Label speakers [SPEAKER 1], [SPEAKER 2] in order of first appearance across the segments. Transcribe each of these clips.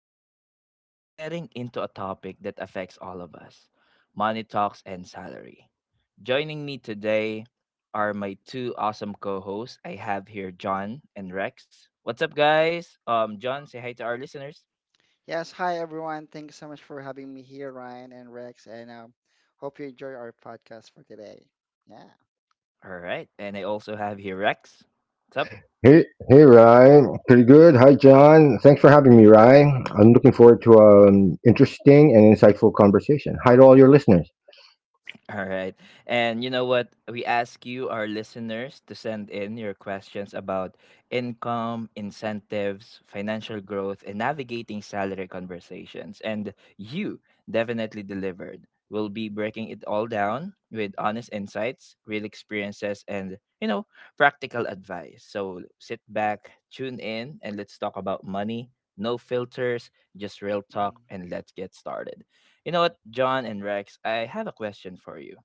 [SPEAKER 1] today we're getting into a topic that affects all of us, money talks and salary. Joining me today are my two awesome co hosts. I have here John and Rex. What's up, guys? John, say hi to our listeners.
[SPEAKER 2] Yes, hi everyone. Thanks so much for having me here, Ryan and Rex, and hope you enjoy our podcast for today. Yeah.
[SPEAKER 1] All right, and I also have here Rex. What's up?
[SPEAKER 3] Hey, hey, Ryan. Pretty good. Hi, John. Thanks for having me, Ryan. I'm looking forward to an interesting and insightful conversation. Hi to all your listeners.
[SPEAKER 1] All right. And you know what? We ask you, our listeners, to send in your questions about income, incentives, financial growth, and navigating salary conversations. And you definitely delivered. We'll be breaking it all down with honest insights, real experiences, and, practical advice. So sit back, tune in, and let's talk about money. No filters, just real
[SPEAKER 2] Mhm,
[SPEAKER 1] talk, and let's get started. You know what, John and Rex, I have a question for you.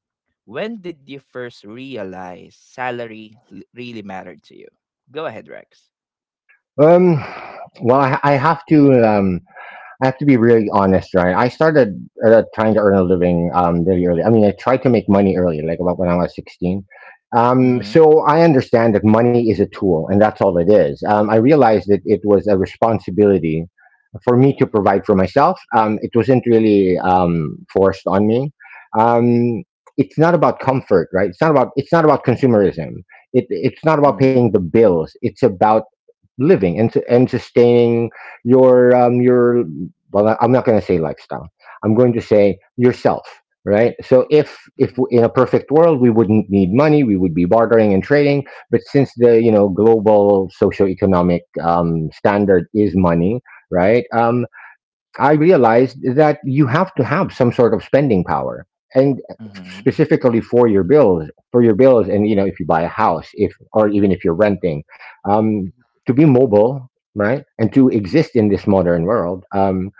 [SPEAKER 1] When did you first realize salary really mattered to you? Go ahead, Rex.
[SPEAKER 3] Um, well, I have to be really honest, right? I started trying to earn a living really early. I mean, I tried to make money early, like about when I was 16. Um,
[SPEAKER 1] Mm-hmm.
[SPEAKER 3] so I understand that money is a tool, and that's all it is. I realized that it was a responsibility for me to
[SPEAKER 2] mhm,
[SPEAKER 3] provide for myself. It wasn't really forced on me. Um, it's not about comfort, right? It's not about consumerism. It's not about paying
[SPEAKER 1] Mm-hmm.
[SPEAKER 3] the bills. It's about living and sustaining, your um, your I'm not going to say lifestyle. I'm going to say yourself, right? So if
[SPEAKER 2] mhm,
[SPEAKER 3] in a perfect world, we wouldn't need money. We would be bartering and trading. But since the, global socioeconomic standard is money, right? I realized that you have to have some sort of spending power, and
[SPEAKER 1] Mm-hmm.
[SPEAKER 3] specifically for your bills, and you know, if you buy a house, if or even if you're renting,
[SPEAKER 2] mhm,
[SPEAKER 3] um,
[SPEAKER 2] mhm,
[SPEAKER 3] to be mobile, right, and to exist in this modern world.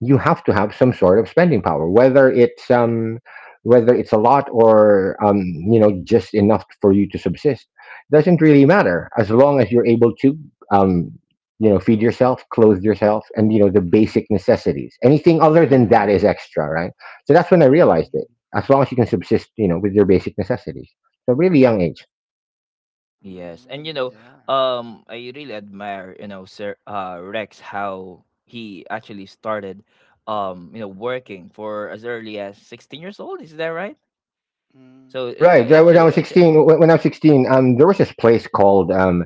[SPEAKER 3] You have to have some sort of spending power, whether it's a lot, or just enough for you to subsist. Doesn't really matter, as long as you're able to um, feed yourself, clothe yourself, and the
[SPEAKER 2] mhm,
[SPEAKER 3] basic necessities. Anything other than that
[SPEAKER 1] Mm-hmm.
[SPEAKER 3] is extra, right? So that's when I realized it.
[SPEAKER 2] mhm,
[SPEAKER 3] As long as you can subsist, with your basic necessities. So really young age.
[SPEAKER 1] Yes. And
[SPEAKER 2] mhm, yeah.
[SPEAKER 1] I really admire, Sir Rex, how he actually started working for as early as 16 years old, is that right?
[SPEAKER 2] Mm,
[SPEAKER 1] So
[SPEAKER 3] Right.
[SPEAKER 2] yes,
[SPEAKER 1] I
[SPEAKER 3] right, When
[SPEAKER 2] it's
[SPEAKER 3] I
[SPEAKER 1] actually,
[SPEAKER 3] was
[SPEAKER 2] tea.
[SPEAKER 1] actually,
[SPEAKER 3] 16, there was this place called. um,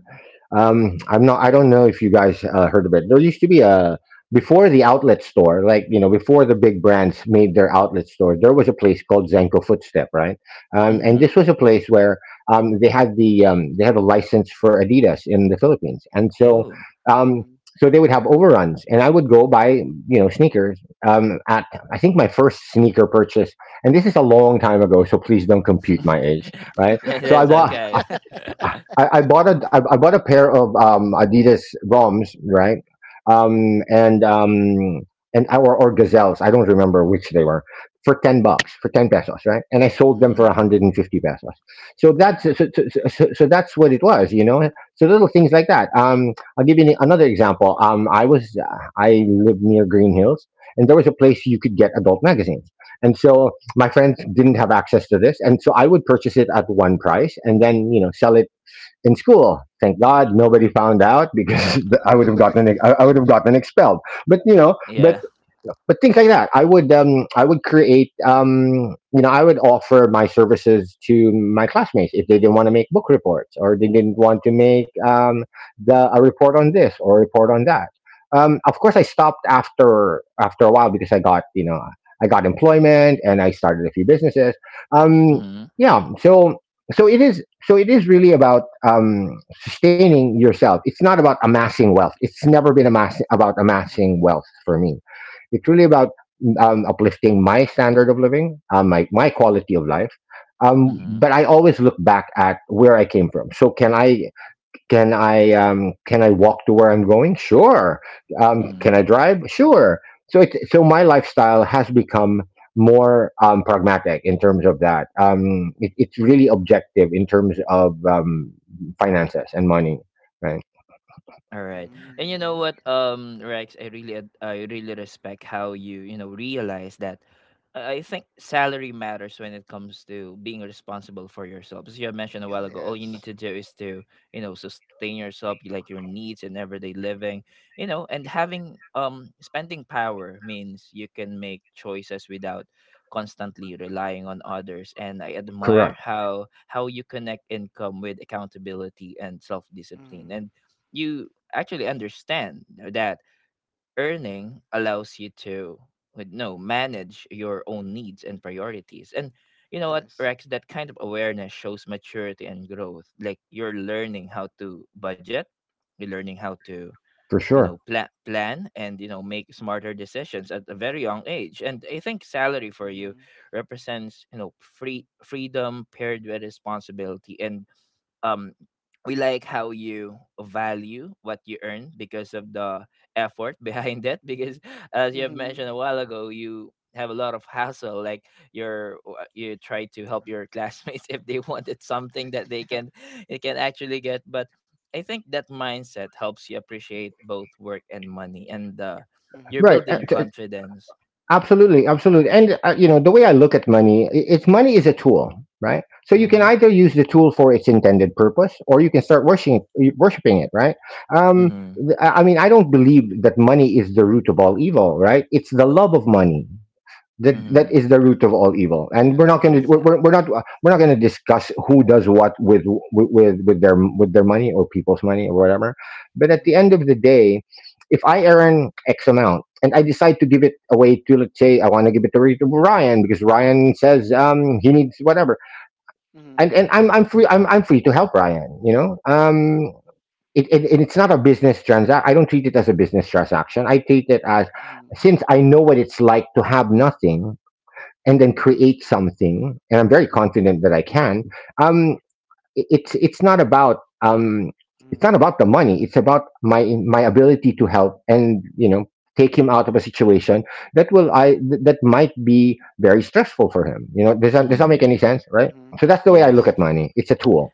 [SPEAKER 3] um, I'm not, I don't know if you guys heard of it. There used to be a, Before the outlet store, like, before the big brands made their outlet store, there was a place called Zenko Footstep, right? And
[SPEAKER 1] mm-hmm.
[SPEAKER 3] this was a place where, they had a license for Adidas in the Philippines. And so,
[SPEAKER 1] Oh,
[SPEAKER 3] um,
[SPEAKER 2] Mhm.
[SPEAKER 3] so they would have overruns, and I would go buy, sneakers. Um, at, I think my first sneaker purchase, and this is a long time ago, so please don't compute my age, right?
[SPEAKER 1] That-
[SPEAKER 3] so i
[SPEAKER 1] that's
[SPEAKER 3] bought
[SPEAKER 1] okay.
[SPEAKER 3] I bought a pair of Adidas Roms, right? Um, and um, or Gazelles. I don't remember which they were, for $10, for 10 pesos, right? And I sold them for one
[SPEAKER 1] Mm-hmm.
[SPEAKER 3] hundred and fifty pesos. So that's
[SPEAKER 2] Oh.
[SPEAKER 3] so, so, so, so so that's what it was, you know. So little things like that. I'll give you another example. I lived near Green Hills, and there was a place you could get adult magazines, and so my friends didn't have access to this, and so I would purchase it at one price, and then sell it in school. Thank God nobody found out, because I would have gotten expelled. But you know,
[SPEAKER 1] Yeah.
[SPEAKER 3] but things like that, I would create, I would offer my services to my classmates, if they didn't want to make book reports, or they didn't want to make the a report on this, or a report on that. Of course, I stopped after a while, because I got, I got employment, and I started a few businesses. um
[SPEAKER 1] Mm-hmm.
[SPEAKER 3] yeah so it is really about sustaining yourself. It's not about amassing wealth. It's never been about
[SPEAKER 2] Mhm,
[SPEAKER 3] amassing wealth for me. It's really about uplifting my standard of living, my quality of life. Um,
[SPEAKER 1] Mm-hmm.
[SPEAKER 3] but I always look back at where I came from. So can I? Can I walk to where I'm going? Sure. Can
[SPEAKER 2] mhm,
[SPEAKER 1] Mm-hmm.
[SPEAKER 3] I drive? Sure. So my lifestyle has become more pragmatic in terms of that. It's really
[SPEAKER 2] mhm,
[SPEAKER 3] objective in terms of finances and money, right?
[SPEAKER 1] All right. And you
[SPEAKER 2] mhm, yeah.
[SPEAKER 1] know
[SPEAKER 2] Mm-hmm.
[SPEAKER 1] what, Rex, I really respect how you, realize that. I think salary matters when it comes to being responsible for yourself. As you have mentioned a
[SPEAKER 2] Mm-hmm.
[SPEAKER 1] while
[SPEAKER 2] Mm-hmm.
[SPEAKER 1] ago, all you need
[SPEAKER 2] Yes.
[SPEAKER 1] to do is to, sustain yourself, you like your needs and everyday living, and having spending power means you can make choices without constantly relying on others. And I admire
[SPEAKER 3] Correct,
[SPEAKER 1] how you connect income with accountability and self discipline.
[SPEAKER 2] Mhm,
[SPEAKER 1] And you actually understand that earning allows you to with no manage your own needs and priorities. And you know what,
[SPEAKER 2] yes.
[SPEAKER 1] Rex, that kind of awareness shows maturity and growth, like you're learning how to budget, you're learning how to
[SPEAKER 3] for sure.
[SPEAKER 1] plan, and make smarter decisions at a very young age. And I think salary for you
[SPEAKER 2] Mhm,
[SPEAKER 1] represents freedom paired with responsibility. And um we like how you value what you earn because of the effort behind it, because as you have
[SPEAKER 2] mhm.
[SPEAKER 1] mentioned a while ago, you have a lot of hassle, like you're you try to
[SPEAKER 2] Oh,
[SPEAKER 1] help
[SPEAKER 2] wow.
[SPEAKER 1] your classmates if they wanted something that they
[SPEAKER 2] Yeah.
[SPEAKER 1] can they can actually get, but I think that mindset helps you appreciate both work and money. And you're
[SPEAKER 2] Mhm,
[SPEAKER 3] Right.
[SPEAKER 1] building confidence.
[SPEAKER 3] Absolutely, absolutely. And the way I look at money, I- it's money is a tool, right? So you can
[SPEAKER 1] Mm-hmm.
[SPEAKER 3] either use the tool for its intended purpose, or you can start worshiping it, worshiping it, right? Um,
[SPEAKER 1] Mm-hmm.
[SPEAKER 3] I mean, I don't believe that money is the root of all evil, right? It's the love of
[SPEAKER 2] mhm,
[SPEAKER 3] money, that
[SPEAKER 1] Mm-hmm.
[SPEAKER 3] is the root of all
[SPEAKER 2] mhm,
[SPEAKER 3] evil, and
[SPEAKER 2] yeah.
[SPEAKER 1] Exactly.
[SPEAKER 3] we're not going to discuss who does what with their money, or people's money, or whatever. But at the
[SPEAKER 2] Mhm,
[SPEAKER 3] end of the day, if I earn x amount, and I decide to give it away to let's say I want to give it to Ryan, because Ryan says he needs whatever. and
[SPEAKER 2] mhm,
[SPEAKER 3] and I'm free to help Ryan, you know. It's not a business transaction. I don't treat it as a business transaction. I treat it as,
[SPEAKER 2] mhm, mhm.
[SPEAKER 3] since I know what it's like to have nothing and then create something, and I'm very confident that I can. um i- it's it's not about um it's not about the money. It's about my ability to help, and take him out of a situation that will. That might be very stressful for him, you know. Does that does that make
[SPEAKER 1] Mm-hmm.
[SPEAKER 3] any sense, right?
[SPEAKER 2] Mm-hmm.
[SPEAKER 3] So that's the way I look at
[SPEAKER 2] Yes.
[SPEAKER 1] Yes.
[SPEAKER 3] money. It's a tool.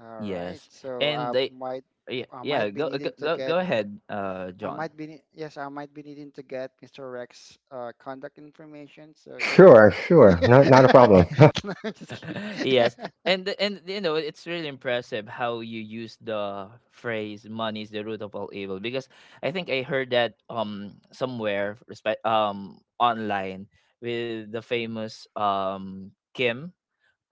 [SPEAKER 2] All right.
[SPEAKER 1] Yes,
[SPEAKER 2] So
[SPEAKER 1] and yeah,
[SPEAKER 2] I
[SPEAKER 1] yeah,
[SPEAKER 2] might be
[SPEAKER 1] go go
[SPEAKER 2] needing to
[SPEAKER 1] go,
[SPEAKER 2] get
[SPEAKER 1] go ahead
[SPEAKER 2] I
[SPEAKER 1] John.
[SPEAKER 2] might be nee- yes, I might be needing to get Mr. Rex contact information. So yeah.
[SPEAKER 3] Sure, sure, not a problem.
[SPEAKER 2] No, I'm just kidding.
[SPEAKER 1] Yes, and and you know it's really impressive how you use the phrase money is the root of all evil, because I think I heard that somewhere, respect, online, with the famous Kim,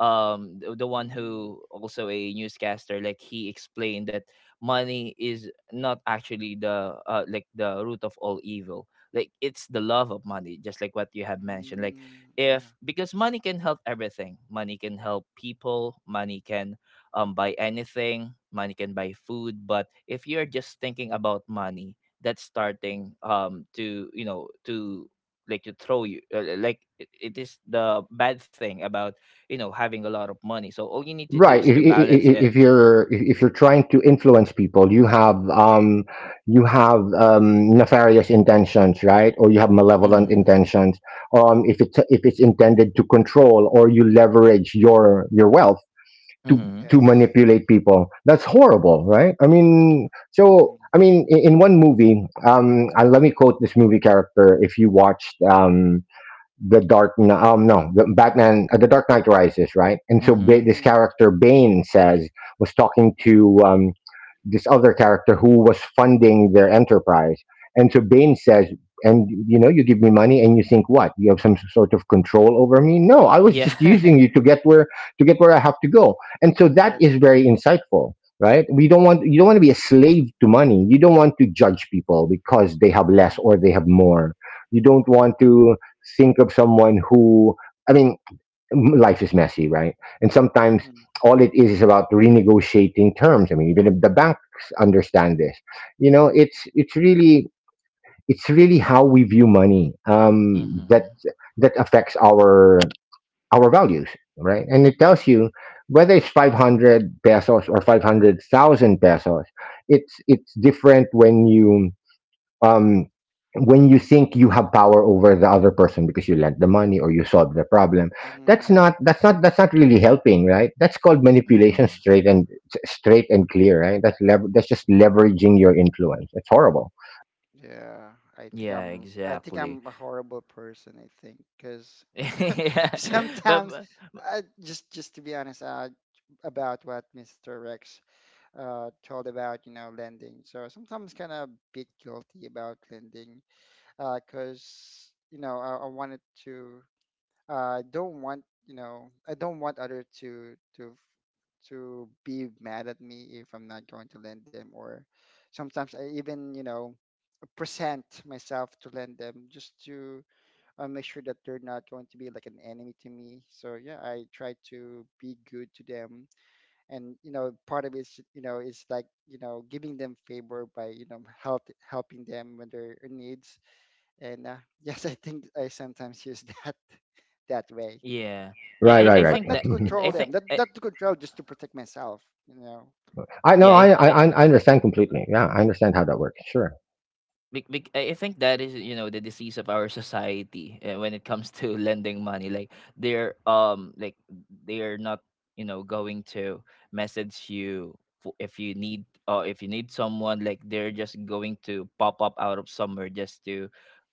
[SPEAKER 1] the one
[SPEAKER 2] Mm,
[SPEAKER 1] who also a newscaster, like he explained that money is not actually the like the root of all evil, like it's the love of money, just like what you have mentioned. Like,
[SPEAKER 2] mm, yeah.
[SPEAKER 1] if because money can help everything, money can help people, money can buy anything, money can buy food. But if you're just thinking about money, that's starting to to, like, to throw you like, it is the bad thing about, you know, having a lot of money. So all you need to do is
[SPEAKER 3] Right.
[SPEAKER 1] to
[SPEAKER 3] if,
[SPEAKER 1] balance
[SPEAKER 3] i- i-
[SPEAKER 1] it.
[SPEAKER 3] i- if you're if if you're trying to influence people, you have nefarious intentions, right? Or you have malevolent
[SPEAKER 1] Mm.
[SPEAKER 2] Hmm.
[SPEAKER 3] intentions. If it's intended to control, or you leverage your wealth to
[SPEAKER 1] Mm-hmm.
[SPEAKER 3] to
[SPEAKER 2] Yes.
[SPEAKER 3] manipulate people, that's horrible, right? I mean, so
[SPEAKER 2] Mm-hmm.
[SPEAKER 3] I mean, in, one movie, let me quote this movie character. If you watched the Dark Kn- no the Batman the Dark Knight Rises, right? And so
[SPEAKER 1] Mm-hmm.
[SPEAKER 3] this
[SPEAKER 2] Mm-hmm.
[SPEAKER 3] character Bane says, was talking to this other character who was funding their enterprise. And so Bane says, "And you know, you give me money and you think, what, you have some sort of control over me? No, I was just
[SPEAKER 1] Yeah.
[SPEAKER 3] using you
[SPEAKER 2] Mm-hmm.
[SPEAKER 3] to get where I have to go." And so that is
[SPEAKER 2] Yes.
[SPEAKER 3] very insightful, right? we don't want You don't want to be a slave to money. You don't want to judge people because they have less
[SPEAKER 2] Mm-hmm.
[SPEAKER 3] or they have more. You don't want to think of someone who, I mean, life is messy, right? And sometimes
[SPEAKER 2] Mm-hmm.
[SPEAKER 3] all it is about renegotiating terms. I mean, even if the banks understand this, you know it's it's really it's really how we view money, that
[SPEAKER 1] Mm-hmm.
[SPEAKER 3] that affects our values, right. And it tells you, whether it's 500 pesos or 500,000 pesos, it's different um, when you think you have power over the other person, because you lent the money, or you solve the problem.
[SPEAKER 2] Mm-hmm.
[SPEAKER 3] that's
[SPEAKER 2] Yeah.
[SPEAKER 3] not that's not that's not really helping, right? That's called manipulation,
[SPEAKER 1] Mm-hmm.
[SPEAKER 3] straight and clear, right? That's that's just leveraging your influence. It's horrible.
[SPEAKER 2] Yeah. I think
[SPEAKER 1] Yeah.
[SPEAKER 2] I'm I think
[SPEAKER 1] Exactly.
[SPEAKER 2] I'm a horrible person, I think, because
[SPEAKER 1] Yeah. But
[SPEAKER 2] sometimes just to be honest about what Mr. Rex told about lending, so sometimes kind of bit guilty about lending because I wanted to, don't want, I don't want other to be mad at me if I'm not going to lend them, or sometimes I even present myself to lend them just to, I make sure that they're not going to be like an enemy to me. So yeah, I try to be good to them, and you know, part of it is is like giving them favor by helping them when they're in needs. And yes, I think I sometimes use that that way,
[SPEAKER 1] yeah, yeah,
[SPEAKER 3] Right,
[SPEAKER 1] i,
[SPEAKER 3] right,
[SPEAKER 1] I
[SPEAKER 3] right.
[SPEAKER 2] but
[SPEAKER 1] think
[SPEAKER 2] not
[SPEAKER 1] that
[SPEAKER 2] to
[SPEAKER 3] Mhm.
[SPEAKER 2] control
[SPEAKER 1] i think
[SPEAKER 2] them. Not
[SPEAKER 1] I,
[SPEAKER 2] not to control, just to protect myself. You know.
[SPEAKER 3] i know
[SPEAKER 1] yeah,
[SPEAKER 3] I, I
[SPEAKER 1] I,
[SPEAKER 3] i I understand completely, yeah, I understand how that works. Sure,
[SPEAKER 1] Bec- bec- I think that is, you know, the disease of our society when it comes to lending money. Like they're not, you know, going to message you if you need someone, like they're just going to pop up out of somewhere just to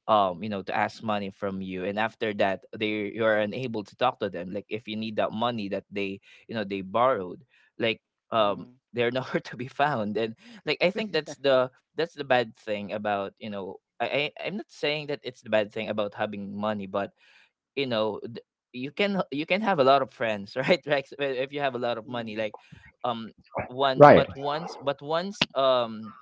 [SPEAKER 1] you know, to ask money from you. And after that, they, you're unable to talk to them, like if you need that money that they, you know, they borrowed. Like
[SPEAKER 2] Mm,
[SPEAKER 1] they're nowhere to be found. And, like, I think that's the bad thing about, you know, I, I'm not saying that it's the bad thing about having money, but you know you can, you can have a lot of friends right, Rex? Well, if you have a lot of money,
[SPEAKER 2] mm,
[SPEAKER 1] like um one,
[SPEAKER 3] right.
[SPEAKER 1] but once, but once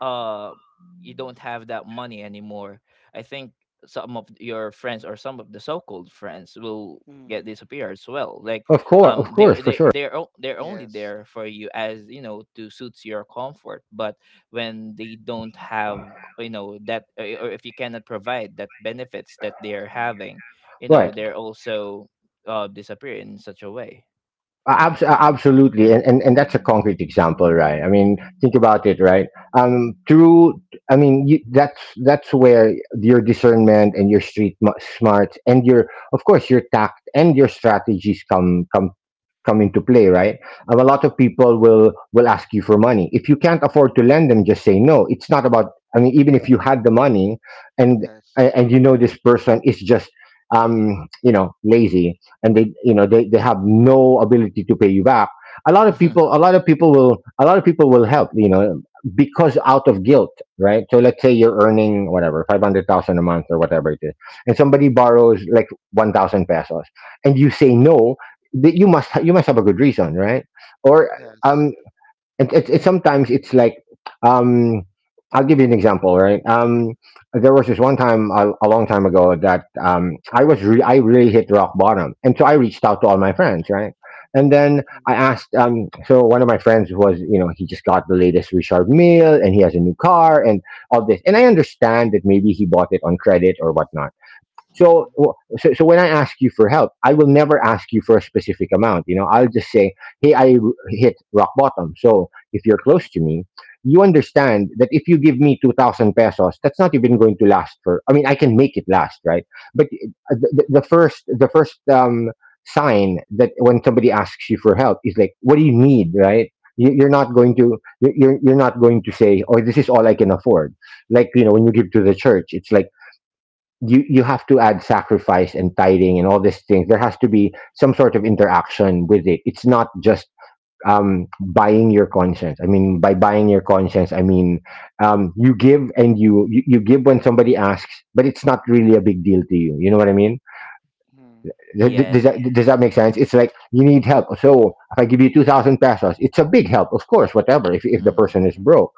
[SPEAKER 1] uh you don't have that money anymore, I think some of your friends or some of the so-called friends will get
[SPEAKER 2] mm.
[SPEAKER 1] disappear as well, like
[SPEAKER 3] Of course, of
[SPEAKER 1] they
[SPEAKER 3] course, for
[SPEAKER 1] they
[SPEAKER 3] sure.
[SPEAKER 1] they're o- they're only
[SPEAKER 2] Yes.
[SPEAKER 1] there for you, as you know, to suits your comfort. But when they don't have, you know, that or if you cannot provide that benefits that they're having, you know,
[SPEAKER 3] Right.
[SPEAKER 1] they're also disappear in such a way.
[SPEAKER 3] Uh, abs- a-
[SPEAKER 2] Yes.
[SPEAKER 3] absolutely and that's a concrete example, right? I mean, think about it, right? Through I mean, that's where your discernment and your street smarts and your, of course, your tact and your strategies come into play, right? A lot
[SPEAKER 2] Mm,
[SPEAKER 3] of people will ask you for money. If you can't afford to lend them, just say no. It's not about, I mean, even if you had the money, and
[SPEAKER 2] yes.
[SPEAKER 3] and you know this person is just, you know, lazy and they, you know, they have
[SPEAKER 2] Mm,
[SPEAKER 3] no ability to pay you back. A lot of people, a lot of people will a lot of people will help, you know, because out of guilt, right? So let's say you're
[SPEAKER 2] hmm,
[SPEAKER 3] earning whatever 500,000 a month or whatever it is, and somebody borrows like 1,000 pesos and you say no, that you must, have a good reason, right? Or
[SPEAKER 2] yes.
[SPEAKER 3] um it, it, it sometimes it's like, um I'll give you an example, right? There was this one time, a long time ago, that I was I really hit rock bottom, and so I reached out to all my friends, right? And then
[SPEAKER 2] Mm,
[SPEAKER 3] I asked, so one of my friends was, you know, he just got the latest Richard Mille and he has a new car and all this, and I understand that maybe he bought it on credit or whatnot. So,
[SPEAKER 2] mm,
[SPEAKER 3] so when I ask you for help, I will never ask you for a specific amount. You know, I'll just say, "Hey, hit rock bottom." So, if you're close to me, you understand that if you give me 2,000 pesos, that's not even going to last for. I mean, I can make it last, right? But
[SPEAKER 2] mm,
[SPEAKER 3] the first, sign that when somebody asks you for help is like, "What do you need?" Right? You're not going to, you're not going to say, "Oh, this is all I can afford." Like, you know, when you give to the church, it's like you have to add sacrifice and tithing and all these things. There has to be some sort of interaction with it. It's not just, buying your conscience. I mean, by buying your conscience, I mean, you give and you give when somebody asks, but it's not really a big deal to you. You know what I mean?
[SPEAKER 2] mhm.
[SPEAKER 1] Yes.
[SPEAKER 3] Does that make sense? It's like you need help, so if I give you 2,000 pesos, it's a big help, of course. Whatever, if the
[SPEAKER 1] Mm.
[SPEAKER 3] person is
[SPEAKER 2] Mhm.
[SPEAKER 3] broke,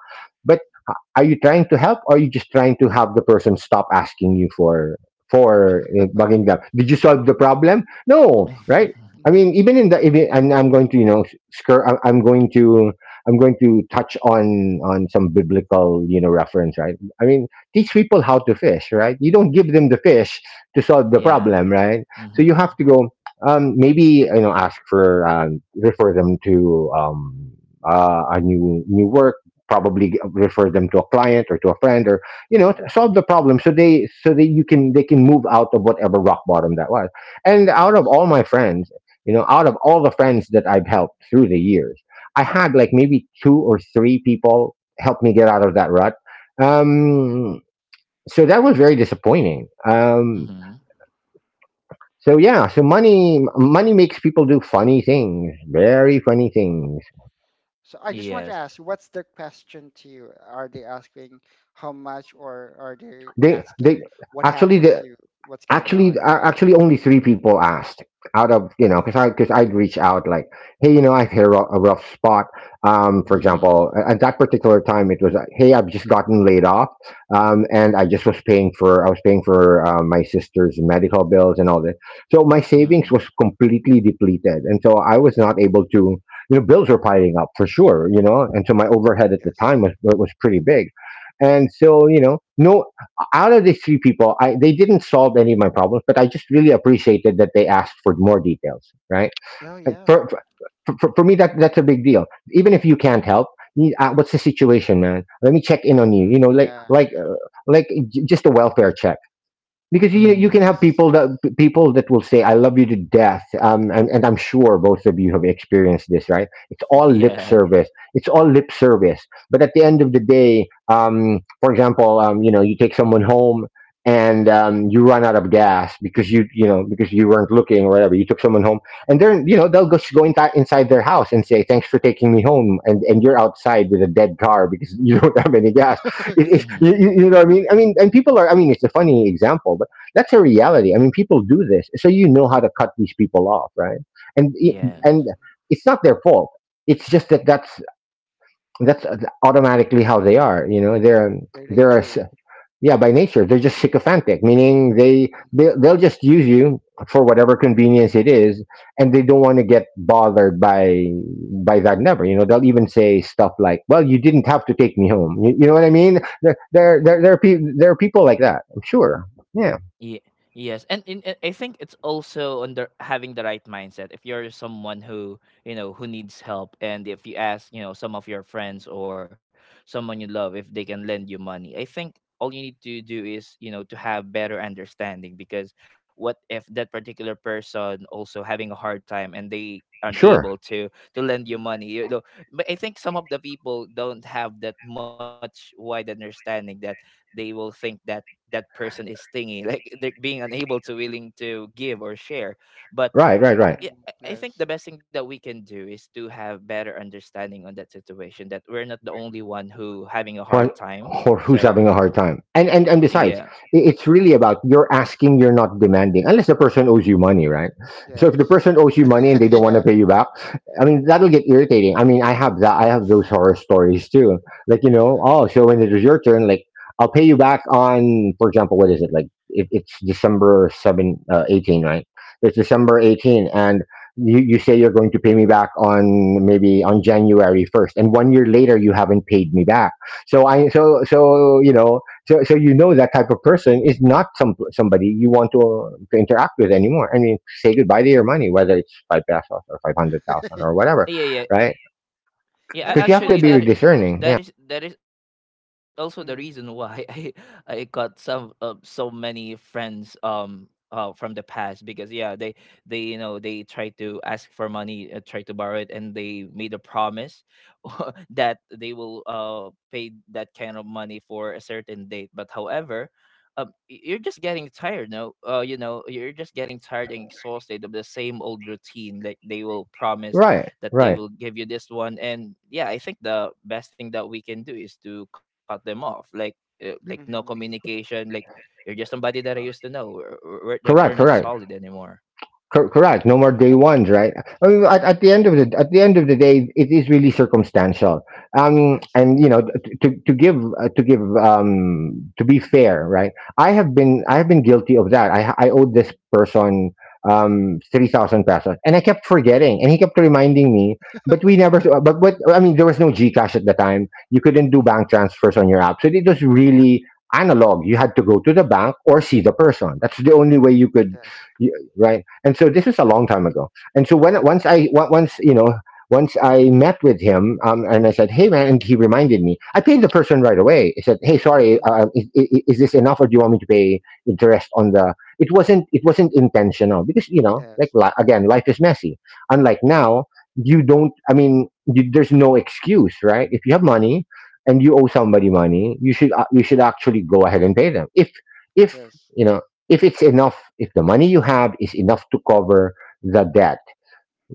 [SPEAKER 3] are you trying to help or are you just trying to have the person stop asking you for, bugging them? Did you solve the problem? No, right? I mean,
[SPEAKER 2] Mhm.
[SPEAKER 3] even in the even and I'm going to, you know, I'm going to, touch on some biblical, you know, reference, right? I mean, teach people how to fish, right? You don't give them the fish to solve
[SPEAKER 2] Mhm.
[SPEAKER 3] the
[SPEAKER 1] Yeah.
[SPEAKER 3] problem, right? So you
[SPEAKER 1] Hmm.
[SPEAKER 3] have to go, maybe, you know, ask for, refer them to, a new work, probably refer them to a client or to a friend, or you know,
[SPEAKER 2] Mhm.
[SPEAKER 3] solve the problem so they so that you can they can move out of whatever rock bottom that was. And out of
[SPEAKER 2] Yes.
[SPEAKER 3] all my friends, you know, out of all the friends that I've helped through the years, I had like maybe two or three people help me get out of that rut. um so that was very disappointing. So yeah, so money makes people do funny things, very funny
[SPEAKER 2] Mhm.
[SPEAKER 3] things.
[SPEAKER 2] So I just want to
[SPEAKER 1] Yes.
[SPEAKER 2] ask, what's the question to you? Are they asking how much, or are they
[SPEAKER 3] They
[SPEAKER 2] asking what
[SPEAKER 3] actually
[SPEAKER 2] happened to
[SPEAKER 3] the
[SPEAKER 2] you? What's going
[SPEAKER 3] Actually,
[SPEAKER 2] on?
[SPEAKER 3] actually only three people asked. Out of, you know, because I'd reach out like, hey, you know, I've hit a rough, spot. For
[SPEAKER 1] Mhm.
[SPEAKER 3] example, at that particular time it was, hey, I've just gotten laid off. And I was paying for, my sister's medical bills and all that. So my savings
[SPEAKER 1] Mhm.
[SPEAKER 3] was completely depleted and so I was
[SPEAKER 2] Mm-hmm.
[SPEAKER 3] not able to, you know, bills were piling up for sure, you know, and so my overhead at the time
[SPEAKER 2] Yes.
[SPEAKER 3] was, pretty big. And so, you know, no. Out of these three people, they didn't solve any of my problems, but I just really appreciated that they asked for more details, right?
[SPEAKER 2] Oh
[SPEAKER 3] Uh,
[SPEAKER 2] yeah.
[SPEAKER 3] For, for me, that's a big deal. Even if you can't help, what's the situation, man? Let me check in on you. You
[SPEAKER 2] Mm-hmm.
[SPEAKER 3] know,
[SPEAKER 2] Yeah.
[SPEAKER 3] like like just a welfare check. Because you can have
[SPEAKER 1] Mm.
[SPEAKER 2] Yes.
[SPEAKER 3] people that will say I love you to death, and, I'm sure both of you have experienced this, right? It's all lip
[SPEAKER 2] Mm-hmm.
[SPEAKER 1] Yeah.
[SPEAKER 3] service. It's all lip service. But at the end of the day, for example, you know, you take someone home and, you run out of gas because you know, because you weren't looking or whatever, you took someone home, and then, you know, they'll just go inside their house and say thanks for taking me home, and you're outside with a dead car because you don't have any gas.
[SPEAKER 1] Mhm.
[SPEAKER 3] You you know what I mean? I mean, and people are, I mean, it's a funny example, but that's a reality. I mean, people do this. So you know how to cut these people off, right? And, it- and
[SPEAKER 1] Yes.
[SPEAKER 2] Mm-hmm.
[SPEAKER 3] it's not their fault. It's just that that's automatically how they are. You know,
[SPEAKER 2] The
[SPEAKER 3] they're,
[SPEAKER 2] nature.
[SPEAKER 3] yeah, by nature they're just sycophantic, meaning
[SPEAKER 2] Mm-hmm.
[SPEAKER 3] they'll just use you for whatever convenience it is, and they don't want to get bothered by that, never, you know. They'll even say stuff like, well, you didn't have to take me home. You know what I mean?
[SPEAKER 2] Mm-hmm.
[SPEAKER 3] There are people like that, I'm sure. Yeah.
[SPEAKER 1] Ye- yes, and in, I think it's also under having the right mindset. If you're someone who, you know, who needs help, and if you ask, you know, some of your friends or someone you love if they can lend you money, I think all you need to do is, you know, to have better understanding, because what if that particular person also having a hard time and they
[SPEAKER 3] Sure.
[SPEAKER 1] unable to lend you money, you know? But I think some of the people don't have that much wide understanding, that they will think that that person is stingy like they're being unable to willing to give or share. But
[SPEAKER 3] Right, right, right.
[SPEAKER 1] yeah,
[SPEAKER 2] Mm-hmm.
[SPEAKER 1] I think the
[SPEAKER 2] Yes.
[SPEAKER 1] best thing that we can do is to have better understanding on that situation, that we're not the only one who having a hard
[SPEAKER 3] What,
[SPEAKER 1] time.
[SPEAKER 3] or who's
[SPEAKER 1] So
[SPEAKER 3] having a hard time? And
[SPEAKER 1] yeah,
[SPEAKER 3] besides, it's really about you're asking, you're not demanding, unless the person owes you money, right? So if the
[SPEAKER 2] Yes.
[SPEAKER 3] person owes you money and they don't want to
[SPEAKER 2] Yeah.
[SPEAKER 3] pay you back, I mean, that'll get irritating. I mean, I have those horror stories too. Like, you know,
[SPEAKER 2] Yeah.
[SPEAKER 3] oh so when it was your turn, like, I'll pay you back on, for example, what is it like, it's December 7 18, right? It's December 18 and you say you're going to pay me back on maybe on January 1st, and 1 year later you haven't paid me back. So I so so you know, you know, that type of person is not somebody you want to interact with anymore. I mean, say goodbye to your money, whether it's five pesos or 500,000 or
[SPEAKER 2] Yeah.
[SPEAKER 3] whatever,
[SPEAKER 1] yeah, yeah.
[SPEAKER 3] right?
[SPEAKER 1] Yeah,
[SPEAKER 2] And I
[SPEAKER 3] Because you
[SPEAKER 2] just
[SPEAKER 3] have to
[SPEAKER 2] want
[SPEAKER 1] actually,
[SPEAKER 2] to
[SPEAKER 3] be
[SPEAKER 2] add that.
[SPEAKER 3] discerning. Yeah,
[SPEAKER 1] that is, that is also the reason why I got some so many friends from the past, because yeah they, you know, they try to ask for money, try to borrow it, and they made a promise that they will pay that kind of money for a certain date. But however, you're just getting tired, no, you know, you're just getting tired and exhausted of the same old routine, like they will promise
[SPEAKER 3] right,
[SPEAKER 1] that they
[SPEAKER 3] right,
[SPEAKER 1] will give you this one. And yeah, I think the best thing that we can do is to cut them off, like no
[SPEAKER 2] Mm-hmm.
[SPEAKER 1] communication, like you're just somebody that I used to know. Like we're
[SPEAKER 3] correct,
[SPEAKER 1] not
[SPEAKER 2] Yes.
[SPEAKER 1] solid anymore.
[SPEAKER 2] Uh-huh.
[SPEAKER 3] Correct. No more day
[SPEAKER 2] And
[SPEAKER 3] ones, right? I mean,
[SPEAKER 2] uh,
[SPEAKER 3] at the end of the, at the end of the day, it is really circumstantial.
[SPEAKER 2] yes.
[SPEAKER 3] And you know, to give, to be fair, right? I have been guilty of that. I owed this person 3,000 pesos, and I kept forgetting, and he kept reminding me. But we never.
[SPEAKER 2] Okay.
[SPEAKER 3] But what I mean, there was no GCash at the time. You couldn't do
[SPEAKER 2] Mm,
[SPEAKER 3] bank transfers on your app, so it was really analog. You had to go to the bank or see the person. That's the only way you could,
[SPEAKER 2] yes.
[SPEAKER 3] y- right? And so this is a long time ago. And so when once, you know, once I met with him, and I said, hey man, and he reminded me, I paid the person right away. I said, hey sorry,
[SPEAKER 2] Mm,
[SPEAKER 3] is this enough or do you want me to pay interest on the, it wasn't, it wasn't intentional because, you know, like,
[SPEAKER 2] yes.
[SPEAKER 3] again, life is messy, unlike now. You don't, I mean, there's no excuse, right? If you have money and you owe somebody money, you should, you should actually go ahead and pay them, if
[SPEAKER 2] Yes.
[SPEAKER 3] you know, if it's enough, if the money you have is enough to cover the debt.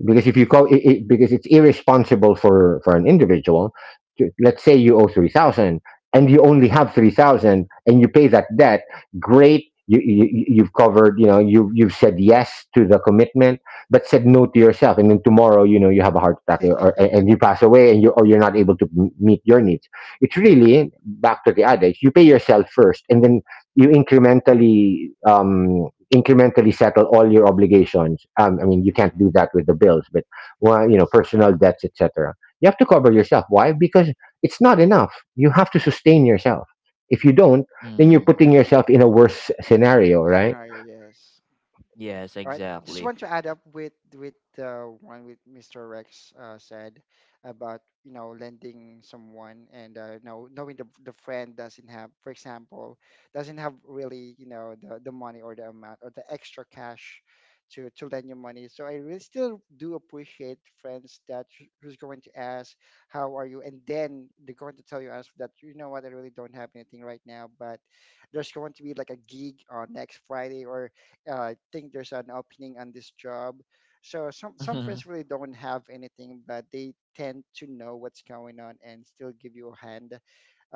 [SPEAKER 3] Because if you
[SPEAKER 2] Yes.
[SPEAKER 3] call it, because it's irresponsible for an individual to, let's say you owe 3,000 and you only have 3,000 and you pay that debt, great, you've covered, you know, you've said yes to the commitment but said no to yourself. And then tomorrow, you know, you have a heart attack, or, or-
[SPEAKER 2] Yeah.
[SPEAKER 3] and you pass away, and you or you're not able to meet your needs. It's really back to the adage, you pay yourself first, and then you incrementally, settle all your obligations. I mean, you
[SPEAKER 2] Mm,
[SPEAKER 3] can't do that with the bills, but well, you know,
[SPEAKER 2] yes.
[SPEAKER 3] personal debts, etc. You have to cover yourself. Why? Because it's not enough. You have to sustain yourself. If you don't, then you're
[SPEAKER 1] Mm.
[SPEAKER 3] putting yourself in a worse scenario, right?
[SPEAKER 2] Scenario, yes.
[SPEAKER 1] Yes,
[SPEAKER 2] All right. Just want
[SPEAKER 1] exactly.
[SPEAKER 2] to add up with one with Mr. Rex said about lending someone and know, knowing the friend doesn't have, for example, doesn't have really the money or the amount or the extra cash to lend you money. So I really still do appreciate friends that who's going to ask how are you, and then they're going to tell you as that you know what, I really don't have anything right now, but there's going to be like a gig on next Friday, or I think there's an opening on this job. So some friends really don't have anything, but they tend to know what's going on and still give you a hand,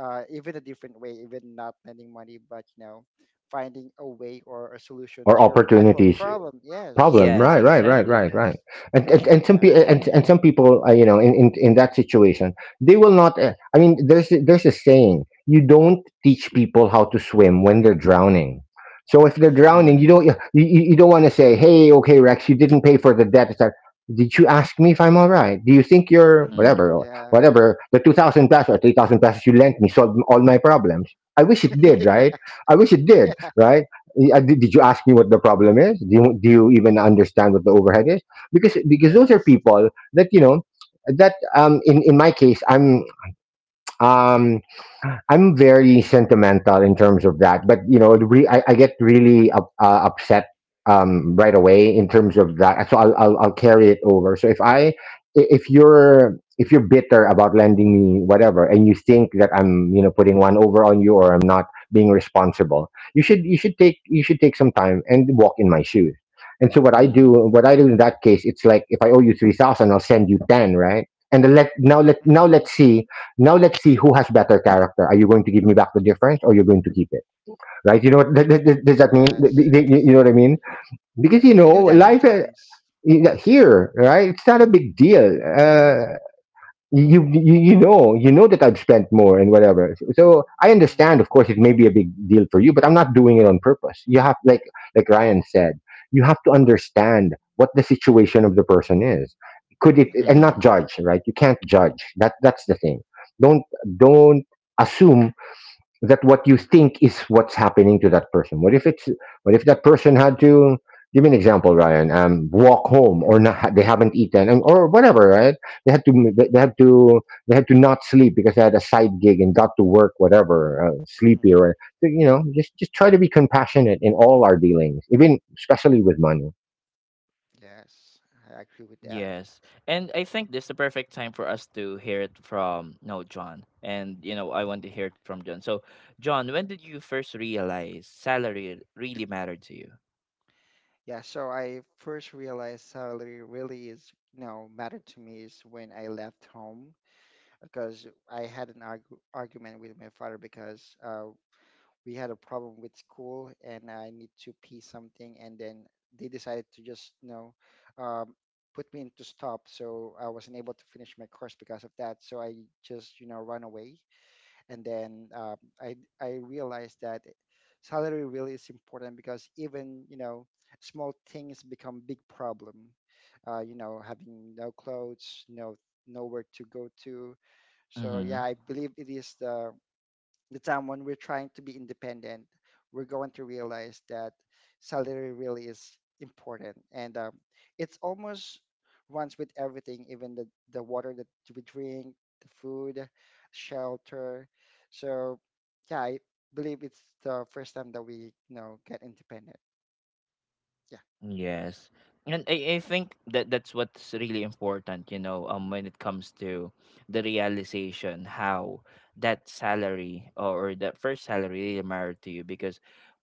[SPEAKER 2] even a different way, even not lending money, but you know, finding a way or a solution
[SPEAKER 3] Or
[SPEAKER 2] to your actual
[SPEAKER 3] opportunities
[SPEAKER 2] problem. Yes,
[SPEAKER 3] problem.
[SPEAKER 1] Yes,
[SPEAKER 3] right
[SPEAKER 2] yes,
[SPEAKER 3] right right
[SPEAKER 1] exactly.
[SPEAKER 3] right right
[SPEAKER 2] yes.
[SPEAKER 3] and and,
[SPEAKER 2] Appreciate
[SPEAKER 3] and some
[SPEAKER 2] that.
[SPEAKER 3] people and some people, you know, in that situation they will not, I mean, there's there's a saying, you don't teach people how to swim when they're drowning. So if they're
[SPEAKER 2] Yeah,
[SPEAKER 1] Mm.
[SPEAKER 3] drowning, you don't you, you don't want to say, hey, okay, Rex, you didn't pay for the debt. It's like, did you ask me if I'm all right? Do you think you're
[SPEAKER 1] Mm.
[SPEAKER 3] whatever,
[SPEAKER 2] mhm,
[SPEAKER 3] or
[SPEAKER 2] yeah,
[SPEAKER 3] whatever the 2000 pesos or 3000 pesos you lent me solved all my problems? I wish it did, right? I wish it did.
[SPEAKER 2] yeah.
[SPEAKER 3] Right. Yeah, did you ask me what the problem is? Do you even understand what the overhead is? Because those are
[SPEAKER 2] Yes.
[SPEAKER 3] people that, you know, that, in my case I'm, um I'm very sentimental in terms of that, but you know, I get really up, upset right away in terms of that. So I'll carry it over. So if I, if you're, if you're bitter about lending me whatever, and you think that I'm, you know, putting one over on you, or I'm not being responsible, you should take, you should take some time and walk in my shoes. And so
[SPEAKER 2] Mhm.
[SPEAKER 1] Mm.
[SPEAKER 3] what I do in that case, it's like if I owe you 3,000, I'll send you ten, right? And then let now
[SPEAKER 2] Mhm.
[SPEAKER 3] let's see, now let's see who has better character. Are you going to give me back the difference, or you're going to keep it? Right? You know what?
[SPEAKER 2] Mhm.
[SPEAKER 3] Does that mean?
[SPEAKER 2] Yes,
[SPEAKER 3] You
[SPEAKER 2] yes,
[SPEAKER 3] know what I mean? Because, you
[SPEAKER 2] yes.
[SPEAKER 3] know,
[SPEAKER 2] I do that
[SPEAKER 1] Yeah.
[SPEAKER 3] life,
[SPEAKER 2] sometimes.
[SPEAKER 3] here, right? It's not a big deal. You know, you know that I've spent more and whatever. So, so I
[SPEAKER 2] Mm.
[SPEAKER 3] understand, of course, it may be a big deal for you, but I'm not doing it on purpose. You have, like Ryan said, you have to understand what the situation of the person is. Could it and
[SPEAKER 2] Yes.
[SPEAKER 3] not judge, right? You can't judge. That, that's the thing. Don't don't assume that what you think is what's happening to that person. What if it's, what if that person had to, give me an example, Ryan, walk home, or not. They haven't eaten, or whatever, right? they had to
[SPEAKER 2] Hmm,
[SPEAKER 3] they had to they had to not sleep because they had a side gig and got to work whatever, sleepy
[SPEAKER 2] hmm,
[SPEAKER 3] or, so, you know, just try to be compassionate in all our dealings, even especially with money.
[SPEAKER 2] yes,
[SPEAKER 1] Yes.
[SPEAKER 2] I agree with
[SPEAKER 1] And I
[SPEAKER 2] that.
[SPEAKER 1] think this is the perfect time for us to hear it from, no, John. And you know, I want to hear it from John. So, John, when did you first realize salary really mattered to you?
[SPEAKER 2] Yeah, so I first realized salary really is, you know, mattered to me is when I left home because I had an argument with my father because we had a problem with school and I need to pay something, and then they decided to just, you know, um, put me into stop. So I wasn't able to finish my course because of that. So I just, you know, run away and then I , I realized that salary really is important because even, you know, small things become big problem. You know, having no clothes, no nowhere to go to. So
[SPEAKER 1] Mhm.
[SPEAKER 2] yeah, I believe it is the time when we're trying to be independent, we're going to realize that salary really is important, and it's almost runs with everything, even the water that we drink, the food, shelter. So, yeah, I believe it's the first time that we you know get independent. Yeah,
[SPEAKER 1] Yes. And I think that that's what's really important, you know, when it comes to the realization how that salary or that first salary really mattered to you, because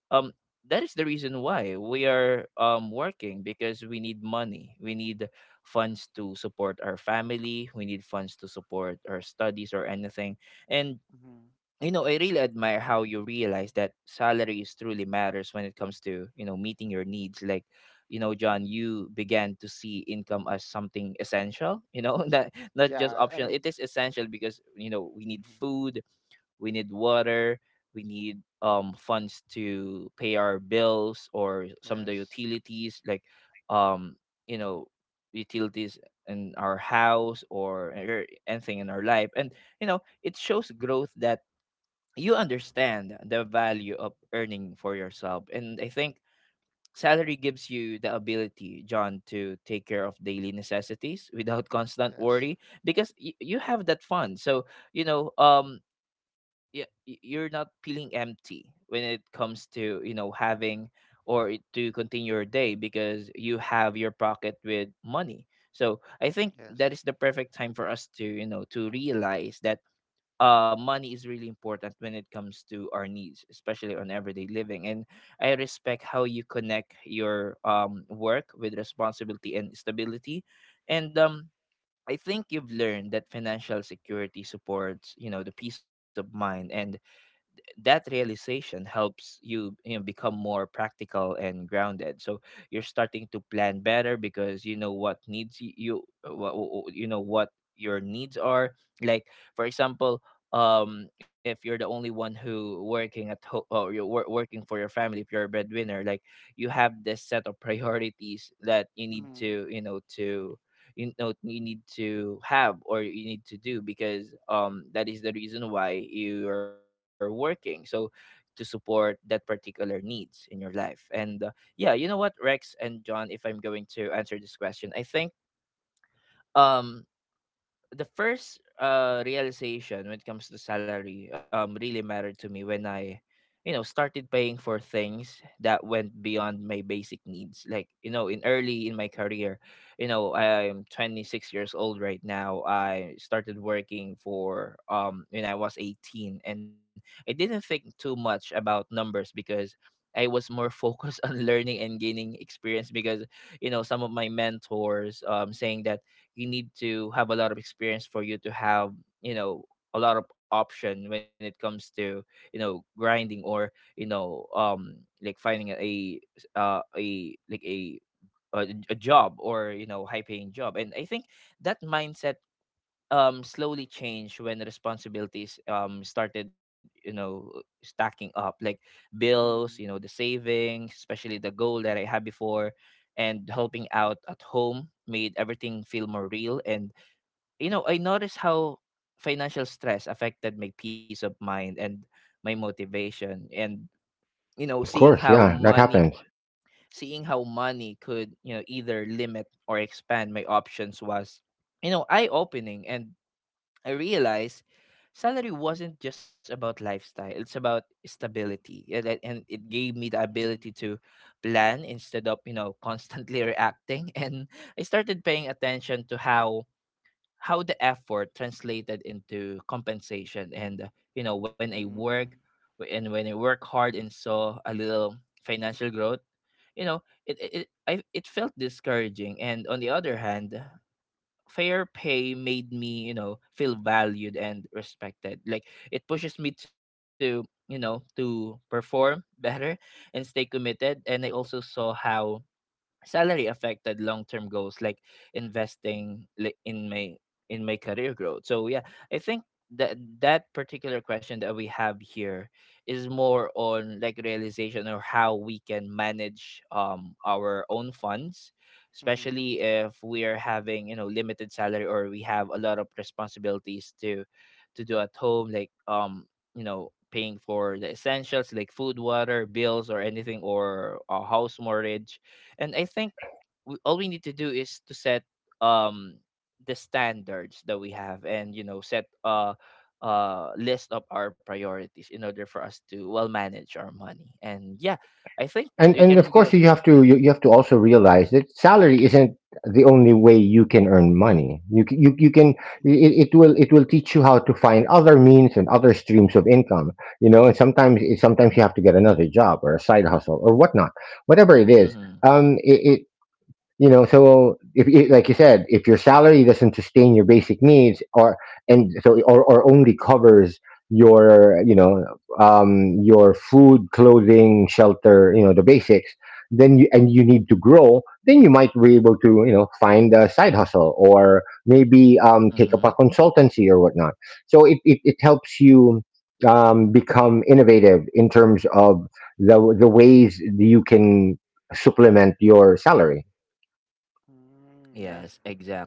[SPEAKER 1] um that is the reason why we are working, because we need money, we need funds to support our family, we need funds to support our studies or anything. And,
[SPEAKER 2] hmm,
[SPEAKER 1] you know, I really admire how you realize that salary is truly matters when it comes to, you know, meeting your needs. Like, you know, John, you began to see income as something essential, you know, that not just
[SPEAKER 2] yeah. I
[SPEAKER 1] optional.
[SPEAKER 2] mean,
[SPEAKER 1] It is essential because, you know, we need
[SPEAKER 2] mhm,
[SPEAKER 1] food, we need water, we need funds to pay our bills or some of the
[SPEAKER 2] yes,
[SPEAKER 1] utilities, like um, you know, utilities in our house or anything in our life. And you know, it shows growth that you understand the value of earning for yourself. And I think salary gives you the ability, John, to take care of daily necessities without constant
[SPEAKER 2] yes,
[SPEAKER 1] worry because you have that fund. So, you know, you're not feeling empty when it comes to, you know, having to continue your day because you have your pocket with money. So I think
[SPEAKER 2] yes.
[SPEAKER 1] that is the perfect time for us to, you know, to realize that money is really important when it comes to our needs, especially on everyday living. And I respect how you connect your work with responsibility and stability. And I think you've learned that financial security supports, you know, the peace of mind, and that realization helps you, you know, become more practical and grounded. So you're starting to plan better because you know what needs you know what your needs are, like, for example, if you're the only one who working at home, or you're working for your family, if you're a breadwinner, like you have this set of priorities that you need
[SPEAKER 2] Mm-hmm.
[SPEAKER 1] to, you need to have or you need to do, because that is the reason why you are working. So to support that particular needs in your life. And yeah, you know what, Rex and John, if I'm going to answer this question, I think um the first realization when it comes to salary really mattered to me when I, you know, started paying for things that went beyond my basic needs. Like, you know, in early in my career, you know, I'm 26 years old right now. I started working for when I was 18, and I didn't think too much about numbers because I was more focused on learning and gaining experience. Because you know some of my mentors saying that you need to have a lot of experience for you to have, you know, a lot of option when it comes to, you know, grinding, or, you know, like finding a like a a job, or, you know, high paying job. And I think that mindset slowly changed when responsibilities started, you know, stacking up, like bills, you know,
[SPEAKER 2] Mm-hmm.
[SPEAKER 1] the savings, especially the goal that I had before, and helping out at home made everything feel more real. And, you know, I noticed how financial stress affected my peace of mind and my motivation. And, you know,
[SPEAKER 3] Of course, yeah, that happens.
[SPEAKER 1] seeing how money could, you know, either limit or expand my options was, you know, eye opening. And I realized salary wasn't just about lifestyle, it's about stability. And it gave me the ability to plan instead of, you know, constantly reacting. And I started paying attention to how the effort translated into compensation. And you know, when I work,
[SPEAKER 2] Mm-hmm.
[SPEAKER 1] w- and when I work hard and saw a little financial growth, you know, it felt discouraging. And on the other hand, fair pay made me, you know, feel valued and respected. Like, it pushes me to, you know, to perform better and stay committed. And I also saw how salary affected long-term goals, like investing in my career growth. So yeah, I think that that particular question that we have here is more on like realization, or how we can manage our own funds,
[SPEAKER 2] Mm-hmm.
[SPEAKER 1] especially if we are having, you know, limited salary, or we have a lot of responsibilities to do at home, like you know, paying for the essentials, like food, water, bills, or anything, or a house mortgage. And I think all we need to do is to set um the standards that we have, and, you know, set a list of our priorities in order for us to well manage our money. And yeah, I think
[SPEAKER 3] and
[SPEAKER 1] we
[SPEAKER 3] and
[SPEAKER 1] can
[SPEAKER 3] of course
[SPEAKER 1] go.
[SPEAKER 3] you have to, you have to also realize that salary isn't the only way you can earn money. You, you, you can,
[SPEAKER 2] Mm-hmm.
[SPEAKER 3] it will, it will teach you how to find other means and other streams of income, you know. And sometimes you have to get another job or a side hustle or whatnot, whatever
[SPEAKER 1] Mm-hmm,
[SPEAKER 3] it
[SPEAKER 2] Mm-hmm. Mm-hmm.
[SPEAKER 3] is. um it, you know, so if, like you said, if your salary doesn't sustain your basic needs, or and so, or only covers your, you know, your food, clothing, shelter, you know, the basics, then you, and you need to grow, then you might be able to, you know, find a side hustle, or maybe
[SPEAKER 1] mm-hmm.
[SPEAKER 3] take up a consultancy or whatnot. So it helps you become innovative in terms of the ways you can supplement your salary.
[SPEAKER 2] Mm, yeah,
[SPEAKER 1] Yes,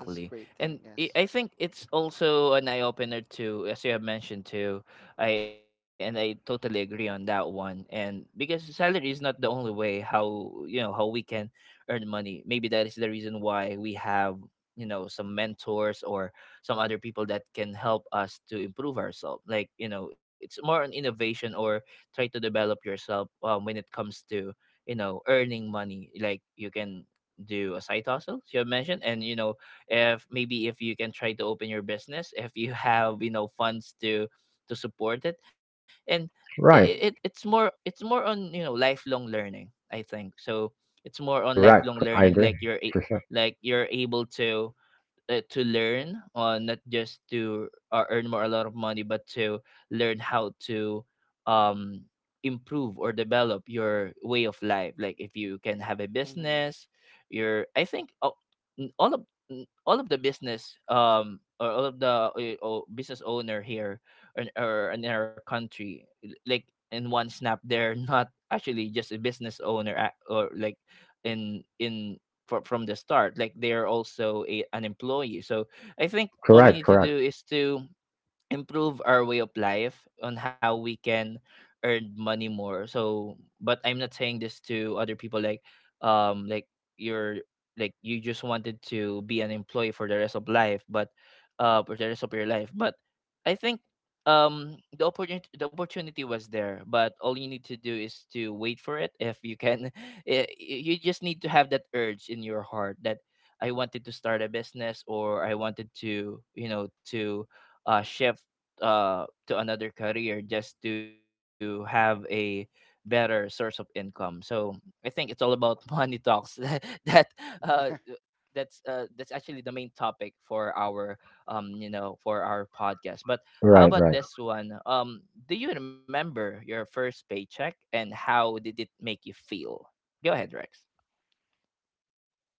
[SPEAKER 2] that's great
[SPEAKER 1] And
[SPEAKER 2] thing. Yes.
[SPEAKER 1] I think it's also an eye opener too, as you have mentioned too, I totally agree on that one. And because salary is not the only way how, you know, how we can earn money. Maybe that is the reason why we have, you know, some mentors or some other people that can help us to improve ourselves. Like, you know, it's more an innovation, or try to develop yourself, when it comes to, you know, earning money. Like you can do a side hustle, as you have mentioned, and, you know, if, maybe if you can try to open your business, if you have, you know, funds to support it. And it
[SPEAKER 3] Right.
[SPEAKER 2] Mm,
[SPEAKER 1] it's more, it's more on, you know, lifelong learning, I think. So it's more on
[SPEAKER 3] Correct.
[SPEAKER 1] lifelong
[SPEAKER 3] I
[SPEAKER 1] learning.
[SPEAKER 3] agree.
[SPEAKER 1] Like
[SPEAKER 3] Percent.
[SPEAKER 1] like you're able to learn not just to earn more a lot of money, but to learn how to um improve or develop your way of life. Like if you can have a
[SPEAKER 2] hmm.
[SPEAKER 1] business, your, I think, oh, n- all of all of the business or all of the business owner here or in our country, like in one snap, they're not actually just a business owner, or, like, in from the start, like, they're also an employee. So I think all we
[SPEAKER 3] Correct.
[SPEAKER 1] need to
[SPEAKER 3] Correct.
[SPEAKER 1] do is to improve our way of life on how we can earn money more. So but I'm not saying this to other people, like um like you're, like, you just wanted to be an employee for the rest of life, but for the rest of your life. But I think the opportunity was there, but all you need to do is to wait for it. If you can, eh, you just need to have that urge in your heart that I wanted to start a business, or I wanted to, you know, to shift to another career, just to have a better source of income. So I think it's all about money talks. that uh, that's actually the main topic for our you know, for our podcast. But how
[SPEAKER 3] Right.
[SPEAKER 1] about
[SPEAKER 3] Right.
[SPEAKER 1] this one? Do you remember your first paycheck, and how did it make you feel? Go ahead, Rex.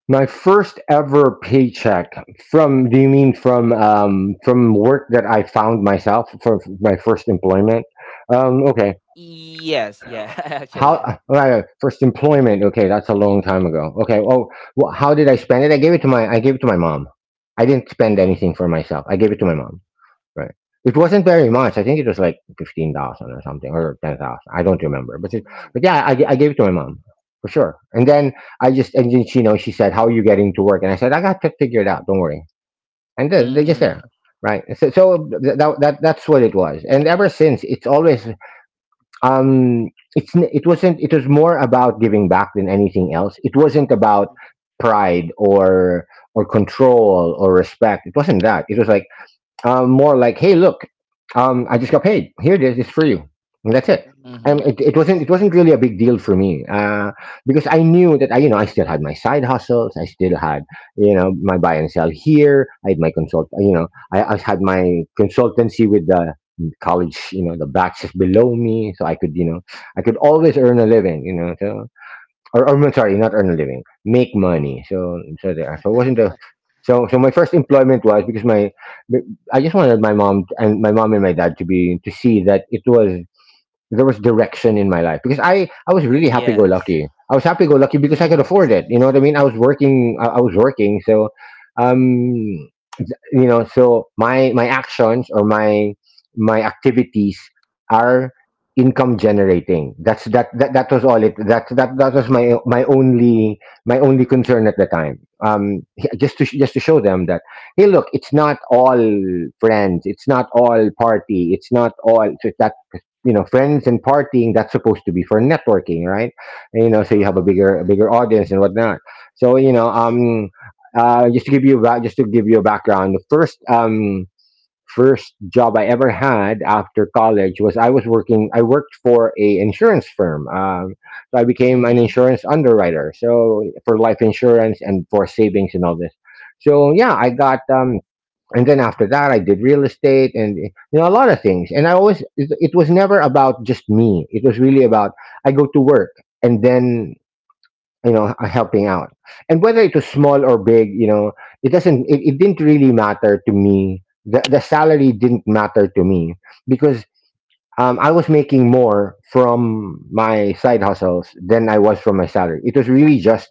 [SPEAKER 3] My first ever paycheck from. Do you mean from, from work that I found myself, for my first employment? Okay.
[SPEAKER 1] Yes, yeah, actually.
[SPEAKER 3] How, right, first employment? Okay, that's a long time ago. Okay. Oh, well, how did I spend it? I gave it to my. I gave it to my mom. I didn't spend
[SPEAKER 1] Mm-hmm.
[SPEAKER 2] Oh,
[SPEAKER 3] anything for myself. I gave it to my mom. Right. It wasn't very much. I think it was like 15,000 or something, or 10,000. I don't remember. But it,
[SPEAKER 2] oh,
[SPEAKER 3] but yeah, I gave it to my mom for sure. And then and then she, you know, she said, how are you getting to work? And I said, I got to figure it out. Don't worry. And then they just
[SPEAKER 1] Mm-hmm.
[SPEAKER 2] oh.
[SPEAKER 3] there. Right. So, so that, that's what it was. And ever since it's always, um, it's, it wasn't, it was more about giving back than anything else. It wasn't about
[SPEAKER 2] Hmm,
[SPEAKER 3] pride, or control or respect. It wasn't that. It was like, more like, "Hey, look, I just got paid. Here it is. It's for you." And that's it. And
[SPEAKER 1] Mm-hmm.
[SPEAKER 2] hmm. It's
[SPEAKER 3] it wasn't
[SPEAKER 2] nice.
[SPEAKER 3] really a big deal for me, because I knew that I, you know, I still had my side hustles. I still had, you know, my buy and
[SPEAKER 2] Hmm,
[SPEAKER 3] sell here. I had my consult. You know, I had my consultancy with the college. You know, the batches below me, so I could, you know, I could
[SPEAKER 2] hmm.
[SPEAKER 3] always earn a living. You know, so, or I'm sorry, not earn a living, make money. So so there. So it wasn't a,
[SPEAKER 2] Yeah.
[SPEAKER 3] so so my first employment was because my, I just wanted my mom, and my dad to be, to see that it was, there was direction in my life, because I was really happy
[SPEAKER 1] Yes.
[SPEAKER 3] go lucky. I was happy go lucky because I could
[SPEAKER 2] Oh, it's
[SPEAKER 3] afford it. You know
[SPEAKER 2] nice.
[SPEAKER 3] what I mean? I was working, so um you know, so my actions or my activities are income generating. That's that was all it,
[SPEAKER 2] Hmm.
[SPEAKER 3] that was my, my only, my only concern at the time, um just to just to show them that, hey, look, it's not all friends, it's not all party, it's not all, so that, you know, friends and partying, that's supposed to be for networking, right? And you know, so you have a
[SPEAKER 2] Oh,
[SPEAKER 3] bigger, a
[SPEAKER 2] yeah.
[SPEAKER 3] bigger audience and whatnot. So, you know,
[SPEAKER 2] Yes.
[SPEAKER 3] just to give you a just to give you a background, the first first job I ever had after college was, I was working. I worked for a insurance firm. So I
[SPEAKER 1] mm-hmm.
[SPEAKER 3] became an
[SPEAKER 2] Oh,
[SPEAKER 3] insurance underwriter. So for life insurance and for savings and all this. So yeah, I got And then after that, I did real estate and you know a lot of things. And I always, it was never about just me. It was really about, I go to work, and then, you know, helping out, and whether it was small or big, you know, it it didn't really matter to me. The salary didn't matter to me, because, I was making more from my side hustles than I was from my salary. It was really just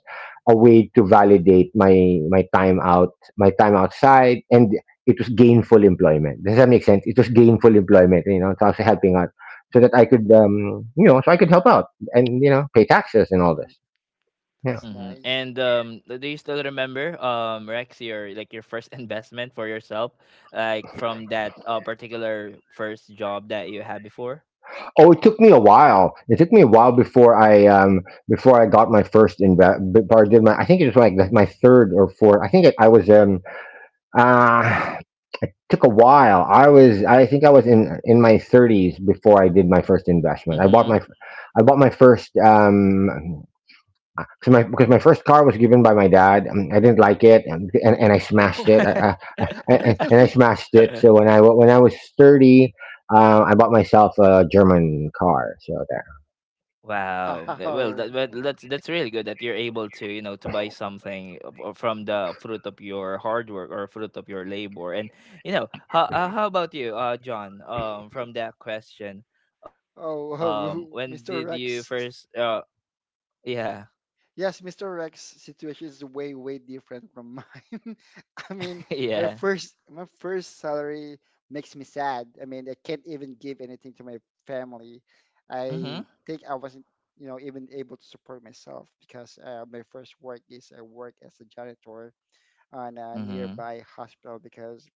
[SPEAKER 3] a way to validate my, my time out my time outside, and it was gainful employment. Does that make sense? It was gainful
[SPEAKER 2] hmm,
[SPEAKER 3] employment, you know, so I was helping out so that I could, you know, so I could help out, and you know, pay taxes and all
[SPEAKER 2] hmm.
[SPEAKER 3] this.
[SPEAKER 1] Mm-hmm.
[SPEAKER 3] Yeah.
[SPEAKER 2] That's
[SPEAKER 1] And
[SPEAKER 2] nice.
[SPEAKER 1] do you still remember, Rex, your, like, your first investment for yourself, like from that particular first job that you had before?
[SPEAKER 3] Oh, it took me a while. It took me a while before I, before I got my first invest. Before I did my, I think it was like my third or fourth. I think it, I was, uh took a while.
[SPEAKER 2] Mhm.
[SPEAKER 3] I think I was in my thirties before I did my first
[SPEAKER 1] Mm-hmm.
[SPEAKER 3] investment. I bought my I bought my first Cause my, because my first car was given by my dad. I didn't like it, and and I smashed it.
[SPEAKER 2] Oh,
[SPEAKER 3] I, and I
[SPEAKER 2] really?
[SPEAKER 3] smashed it. So when I, when I was 30, I bought myself a German car. So there.
[SPEAKER 1] Wow.
[SPEAKER 2] Wow.
[SPEAKER 1] Well, that,
[SPEAKER 2] Oh,
[SPEAKER 1] well, that's really good that you're able to, you know, to buy something from the fruit of your hard work, or fruit of your labor. And, you know, how, how about you, John? From that question, when did you
[SPEAKER 2] Mr.
[SPEAKER 1] first
[SPEAKER 2] Rex.
[SPEAKER 1] yeah.
[SPEAKER 2] Yes, Mr. Rex' situation is way, way different from mine. I mean,
[SPEAKER 1] Yeah.
[SPEAKER 2] my first salary makes me sad. I mean, I can't even give anything to my family.
[SPEAKER 1] Mhm.
[SPEAKER 2] I think I wasn't, you know, even able to support myself because my first work is I work as a janitor on a
[SPEAKER 1] Mhm.
[SPEAKER 2] nearby hospital because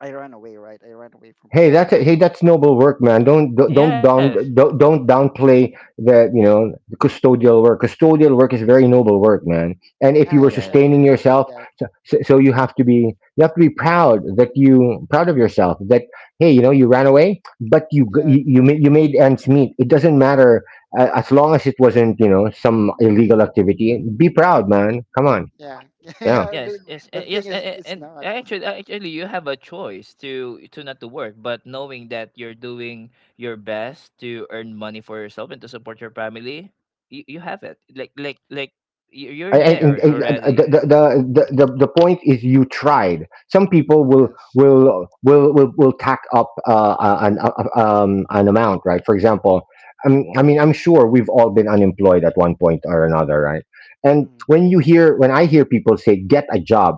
[SPEAKER 2] I ran away, right? I ran away from
[SPEAKER 3] Hey,
[SPEAKER 2] home,
[SPEAKER 3] that's a,
[SPEAKER 2] and
[SPEAKER 3] hey, that's noble work, man. Don't
[SPEAKER 1] Yes.
[SPEAKER 3] down, don't downplay, the you know, the custodial work. Custodial work is very noble work, man. And if you were
[SPEAKER 2] I
[SPEAKER 1] Yeah.
[SPEAKER 2] I,
[SPEAKER 3] sustaining
[SPEAKER 2] I agree with
[SPEAKER 3] yourself,
[SPEAKER 2] that.
[SPEAKER 3] so, so you have to be, you have to be proud that you, proud of yourself that, hey, you know, you ran away, but you,
[SPEAKER 2] Yeah,
[SPEAKER 3] you, you made ends meet. It doesn't matter, as long as it wasn't, you know, some illegal activity. Be proud, man. Come on,
[SPEAKER 2] yeah,
[SPEAKER 1] Yes. Yes. And,
[SPEAKER 3] yeah.
[SPEAKER 2] yeah.
[SPEAKER 1] yes. And
[SPEAKER 2] But the thing is,
[SPEAKER 1] actually,
[SPEAKER 2] it's not.
[SPEAKER 1] actually, you have a choice to not to work, but knowing that you're doing your best to earn money for yourself and to support your family, you have it. Like you- you're in
[SPEAKER 3] I-
[SPEAKER 1] there
[SPEAKER 3] and,
[SPEAKER 1] already.
[SPEAKER 3] the point is you tried. Some people will
[SPEAKER 2] Yes.
[SPEAKER 3] will will will, will tack up an amount, right? For example, I mean, I'm sure we've all been unemployed at one point or another, right? And
[SPEAKER 2] Mhm.
[SPEAKER 3] when you hear when I hear people say, "Get a job,"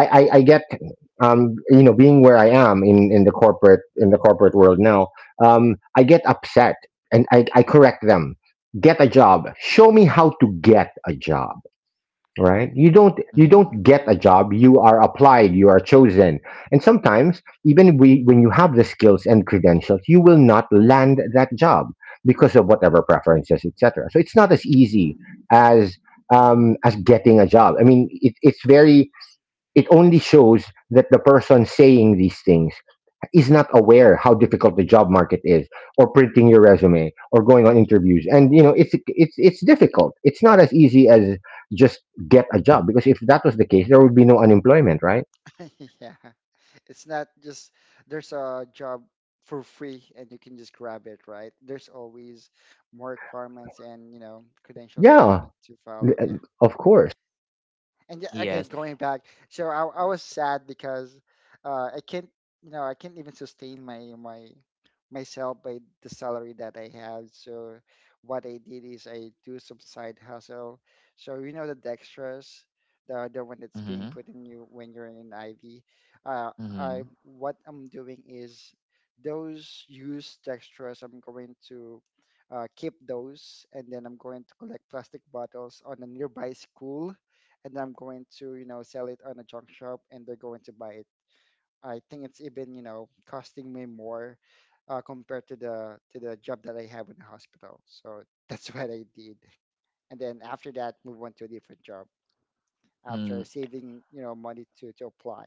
[SPEAKER 3] I get um, you know, being where I am in the corporate world now, um, I get upset. And I correct them. "Get a job"? Show me how to get a job, right?
[SPEAKER 2] Oh.
[SPEAKER 1] Mhm.
[SPEAKER 3] You don't get a
[SPEAKER 2] Mm-hmm.
[SPEAKER 3] job. You are applied, you are chosen. And sometimes even, when you have the skills and credentials, you will not land that job, because of whatever preferences, etc. So it's not as
[SPEAKER 2] Mm-hmm,
[SPEAKER 3] easy as as getting a job. I mean, it, it's very it only shows that the person saying these things is not aware how difficult the job market is, or printing your
[SPEAKER 2] mm-hmm.
[SPEAKER 3] resume, or going on interviews. And you know it's difficult. It's not as easy as just "get a job," because if that was the case, there would be no unemployment, right?
[SPEAKER 2] Yeah. It's not just there's a job for free and you can just grab it, right? There's always more requirements and, you know, credentials that you
[SPEAKER 3] Yeah,
[SPEAKER 2] need to
[SPEAKER 3] th-
[SPEAKER 2] follow. Yeah,
[SPEAKER 3] of course.
[SPEAKER 2] and yeah,
[SPEAKER 1] Yes.
[SPEAKER 2] again going back, so I was sad because uh i can't I can't even sustain my my myself by the salary that I have. So what I did is I do some side hustle. So you know, the dextrose, the one that's
[SPEAKER 1] Mhm.
[SPEAKER 2] being put in you when you're in IV. Uh, I
[SPEAKER 1] Mhm.
[SPEAKER 2] what I'm doing is those used dextrose. I'm going to keep those, and then I'm going to collect plastic bottles on a nearby school, and I'm going to, you know, sell it on a junk shop, and they're going to buy it. I think it's even, you know, costing me more compared to the job that I have in the hospital. So that's what I did. And then after that, move on to a different job
[SPEAKER 1] Mm.
[SPEAKER 2] after saving, you know, money to apply.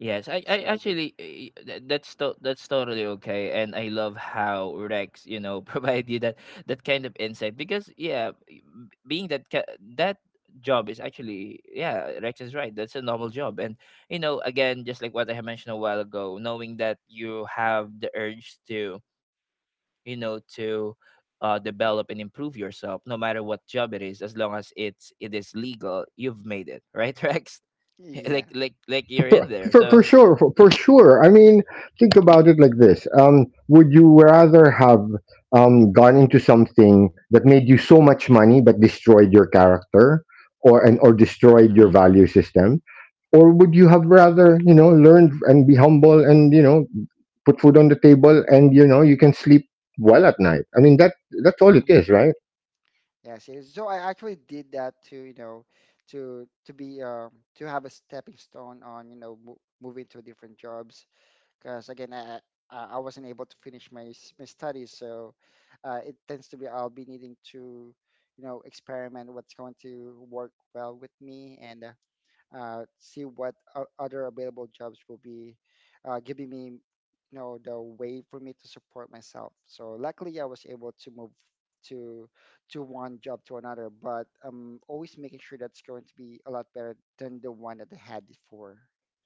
[SPEAKER 1] Yes,
[SPEAKER 2] That's
[SPEAKER 1] I
[SPEAKER 2] what I did.
[SPEAKER 1] actually, eh, eh, that's to, that's totally okay, and I love how Rex, you know, provide you that that kind of insight. Because yeah, eh, being that that job is actually, yeah, Rex is right. That's a noble job. And, you know, again, just like what I had mentioned a while ago, knowing that you have the urge to, you know, to develop and improve yourself, no matter what job it is, as long as it is legal, you've made it, right, Rex? like
[SPEAKER 2] Yeah.
[SPEAKER 1] like like you're in
[SPEAKER 3] for,
[SPEAKER 1] there,
[SPEAKER 3] for,
[SPEAKER 1] so.
[SPEAKER 3] for sure for, for sure I mean, think about it like this: would you rather have gone into something that made you so much money but destroyed your character, or
[SPEAKER 1] Mm-hmm.
[SPEAKER 2] Hmm,
[SPEAKER 3] destroyed your value system? Or would you have rather, you know, learn and be humble, and, you know, put food on the table, and you know you can sleep well at night? I mean, that's all it
[SPEAKER 2] hmm,
[SPEAKER 3] is, right?
[SPEAKER 2] yes, it is. So I actually did that to, you know, to be to have a stepping stone on, you know, mo moving to different jobs. Because again, I, I wasn't able to finish my studies, so it tends to be I'll be needing to you know experiment what's going to work well with me, and see what other available jobs will be giving me, you know, the way for me to support myself. So luckily I was able to move to to one job to another, but I'm always making sure that's going to be a lot better than the one that I had before.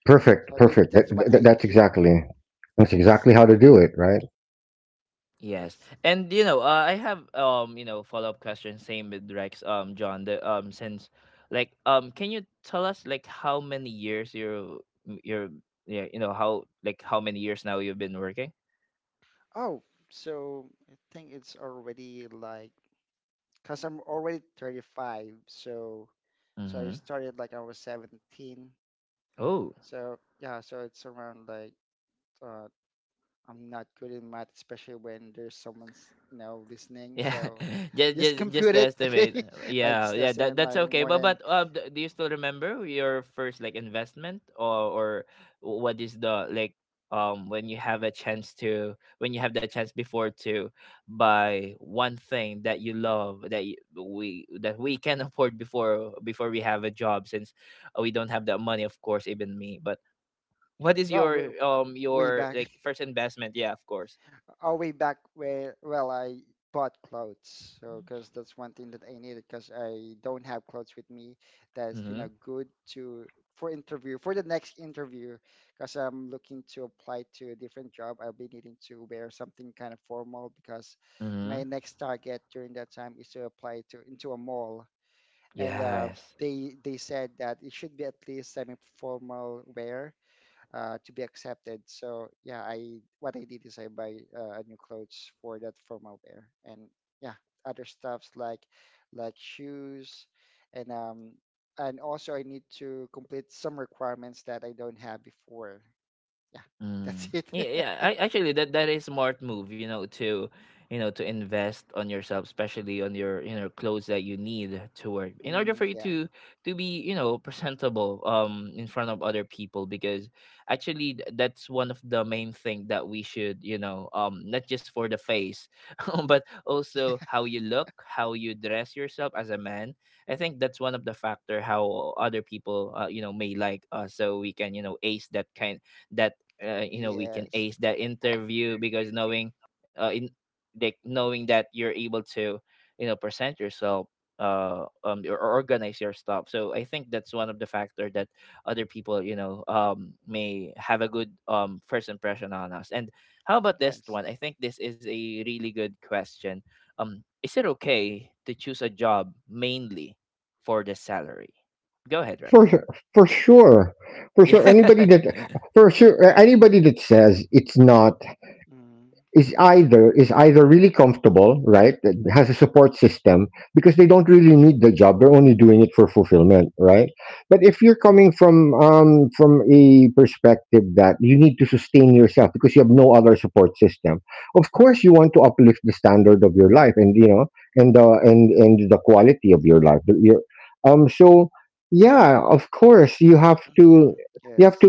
[SPEAKER 3] perfect
[SPEAKER 2] So it,
[SPEAKER 3] perfect that,
[SPEAKER 2] that's what
[SPEAKER 3] that
[SPEAKER 2] I
[SPEAKER 3] that's
[SPEAKER 2] did.
[SPEAKER 3] exactly that's
[SPEAKER 2] Yes.
[SPEAKER 3] exactly how to do it, right?
[SPEAKER 1] Yes,
[SPEAKER 2] Yes.
[SPEAKER 1] and, you know, I have, you know, follow up questions. Same with Rex, John. The since, like, can you tell us, like, how many years you're m- you're yeah, you know, how, like, how many years now you've been working?
[SPEAKER 2] Oh, so I think it's already like, cause I'm already 35, so so I
[SPEAKER 1] Mm-hmm.
[SPEAKER 2] started like I was 17.
[SPEAKER 1] Oh,
[SPEAKER 2] So yeah, so it's around like uh, I'm not good in math, especially when there's someone's you know listening.
[SPEAKER 1] yeah.
[SPEAKER 2] So
[SPEAKER 1] Just,
[SPEAKER 2] just
[SPEAKER 1] just
[SPEAKER 2] compute
[SPEAKER 1] the
[SPEAKER 2] it, okay?
[SPEAKER 1] estimate.
[SPEAKER 2] I
[SPEAKER 1] Yeah,
[SPEAKER 2] just
[SPEAKER 1] yeah, that
[SPEAKER 2] estimate
[SPEAKER 1] that's
[SPEAKER 2] like
[SPEAKER 1] okay.
[SPEAKER 2] more than
[SPEAKER 1] But d- do you still remember your first, like, investment, or what is the, like, when you have a chance to, when you have the chance before to buy one thing that you love, that we, that we can afford before, before we have a job. Since we don't have that money, of course, even me. But what is
[SPEAKER 2] well w-
[SPEAKER 1] your
[SPEAKER 2] way
[SPEAKER 1] your,
[SPEAKER 2] back.
[SPEAKER 1] like, first investment? Yeah, of course.
[SPEAKER 2] Oh, way back where, well, I bought clothes. So, because that's one thing that I needed, because I don't have clothes with me that's, you know,
[SPEAKER 1] Mhm.
[SPEAKER 2] good to, for interview, for the next interview, because I'm looking to apply to a different job. I'll be needing to wear something kind of formal because my
[SPEAKER 1] Mhm.
[SPEAKER 2] next target during that time is to apply to, into a mall. And,
[SPEAKER 1] Yes.
[SPEAKER 2] they said that it should be at least semi-formal wear to be accepted. So yeah, I what I did is I buy new clothes for that formal wear, and yeah, other stuffs like shoes, and um and also I need to complete some requirements that I don't have before. Yeah, that's
[SPEAKER 1] Mm.
[SPEAKER 2] it.
[SPEAKER 1] Yeah, yeah. I actually, that that is smart move, you know, to, you know, to invest on yourself, especially on your, you know, clothes that you need to work, in order
[SPEAKER 2] Mm,
[SPEAKER 1] for you
[SPEAKER 2] yeah.
[SPEAKER 1] to be, you know, presentable in front of other people. Because actually, that's one of the main thing that we should, you know, not just for the face, but also how you look, how you dress yourself as a man. I think that's one of the factor how other people, you know, may like us, so we can, you know, ace that kind, that you know, we can
[SPEAKER 2] Yes.
[SPEAKER 1] ace that interview. Because knowing, in like knowing that you're able to, you know, present yourself, or organize your stuff. So I think that's one of the factor that other people, you know, may have a good first impression on us. And how about this
[SPEAKER 2] Yes.
[SPEAKER 1] one? I think this is a really good question. Um, is it okay to choose a job mainly for the salary? Go ahead,
[SPEAKER 3] For
[SPEAKER 1] Rex.
[SPEAKER 3] sure, for sure, for sure.
[SPEAKER 1] Yeah.
[SPEAKER 3] For sure, anybody that says it's not,
[SPEAKER 2] Mm,
[SPEAKER 3] is either really comfortable, right? that Has a support system, because they don't really need the job; they're only doing it for fulfillment, right? But if you're coming from, a perspective that you need to sustain yourself because you have no other support system, of course you want to uplift the standard of your life, and you know, and the quality of your life. So yeah, of course you have to
[SPEAKER 2] mm,
[SPEAKER 3] you have
[SPEAKER 2] yes.
[SPEAKER 3] to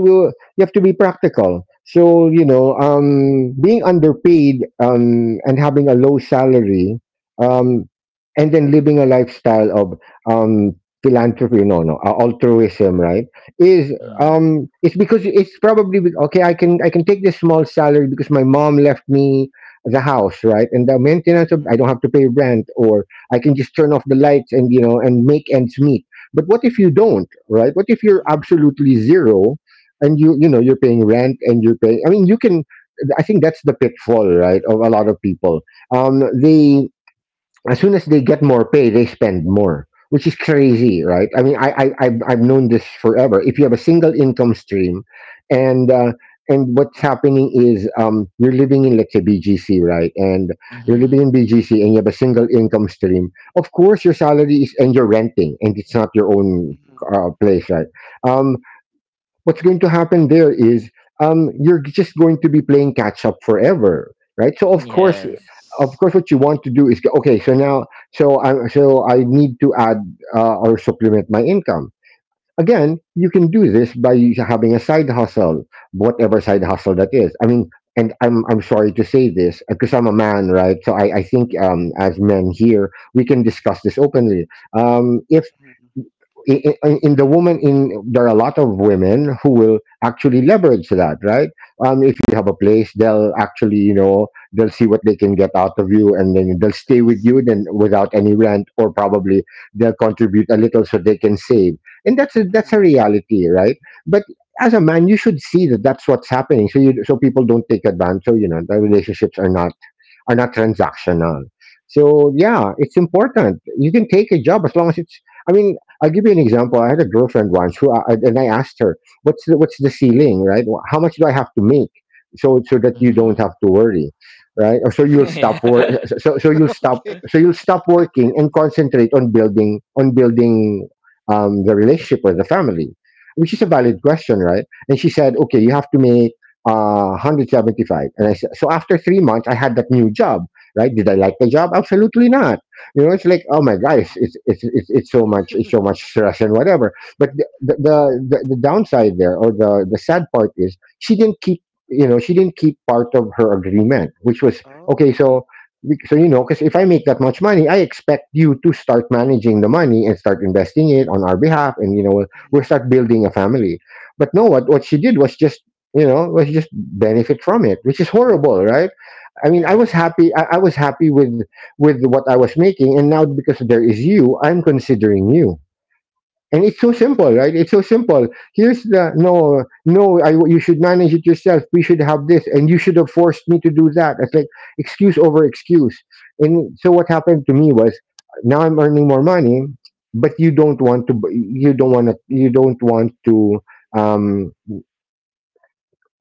[SPEAKER 3] you have to be practical. So you know, being underpaid, and having a low salary, um, and then living a lifestyle of, um, philanthropy, no, no, altruism, right? Is...
[SPEAKER 1] Mm-hmm.
[SPEAKER 2] Mm,
[SPEAKER 3] it's probably okay. I can take this small salary because my mom left me the house, right? And the maintenance of I
[SPEAKER 2] mm,
[SPEAKER 3] don't have to pay rent, or I can just turn off the lights and make ends meet. But what if you don't, right? What if you're
[SPEAKER 2] mm,
[SPEAKER 3] absolutely zero, and you know, you're paying rent and you're paying... I mean, you can I think that's the pitfall, right, of a lot of people. They As soon as they get more pay, they spend more, which is crazy, right? I mean, I've
[SPEAKER 2] mm,
[SPEAKER 3] known this forever. If you have a single income stream, and uh and what's happening is, you're living in, let's say, BGC, right? And you're living in
[SPEAKER 2] mm,
[SPEAKER 3] BGC, and you have a single income stream. Of course, your salary is and you're renting, and it's not your own
[SPEAKER 2] mm,
[SPEAKER 3] place, right? Um, what's going to happen there is, you're just going to be playing catch up forever, right? So
[SPEAKER 1] Yes.
[SPEAKER 3] of
[SPEAKER 2] yes.
[SPEAKER 3] course, what you want to do is, okay, so now, so I need to add, or supplement, my income. Again, you can do this by having a side hustle, whatever side hustle that is. I mean, and I'm sorry to say this because I'm a man, right? So I think, as men here we can discuss this openly. If
[SPEAKER 2] Mm,
[SPEAKER 3] in, in the woman in There are a lot of women who will actually leverage that, right? If you have a place, they'll actually, you know, they'll see what they can get out of you, and then they'll stay with
[SPEAKER 2] yes.
[SPEAKER 3] you then without any rent, or probably they'll contribute a little so they can save. And that's a reality, right? But as a man you should see that that's what's happening, so you so people don't take advantage, so, you know, the relationships are not
[SPEAKER 2] Mhm.
[SPEAKER 3] transactional. So yeah, it's important. You can take a job as long as it's... I mean, I'll give you an example. I had a girlfriend once who... and I asked her, What's the ceiling, right? How much do I have to make, so that you don't
[SPEAKER 1] Mhm.
[SPEAKER 3] have to worry, right? Or so you'll stop work.
[SPEAKER 2] Okay.
[SPEAKER 3] So you'll stop working and concentrate on building, the relationship or the family," which is a
[SPEAKER 2] Mhm.
[SPEAKER 3] valid question, right? And she said, "Okay, you have to make, 175." And so after 3 months, I had that new job, right? Did I like the job? Absolutely not. You know, it's like, oh my God,
[SPEAKER 2] Mhm.
[SPEAKER 3] it's so
[SPEAKER 2] Okay.
[SPEAKER 3] much stress and whatever. But the downside there, or the sad part, is she didn't keep, you know, she didn't keep part of her agreement, which was, okay,
[SPEAKER 2] Oh.
[SPEAKER 3] you know, because if I make that much money, I expect you to start managing the money and start investing it on our behalf. And, you know, we'll
[SPEAKER 2] Mhm.
[SPEAKER 3] start building a family. But no, what she did was just you know was just benefit from it, which is horrible, right? I mean,
[SPEAKER 1] Mhm.
[SPEAKER 2] Yes.
[SPEAKER 3] I was happy with what I was making, and now, because there is you, I'm considering you. And it's so simple, right? It's so simple. Here's the... no, no, you should manage it yourself, we should have this, and you should have forced me to do that. It's like excuse over excuse. And so what happened to me was now I'm earning more money, but you don't want to, um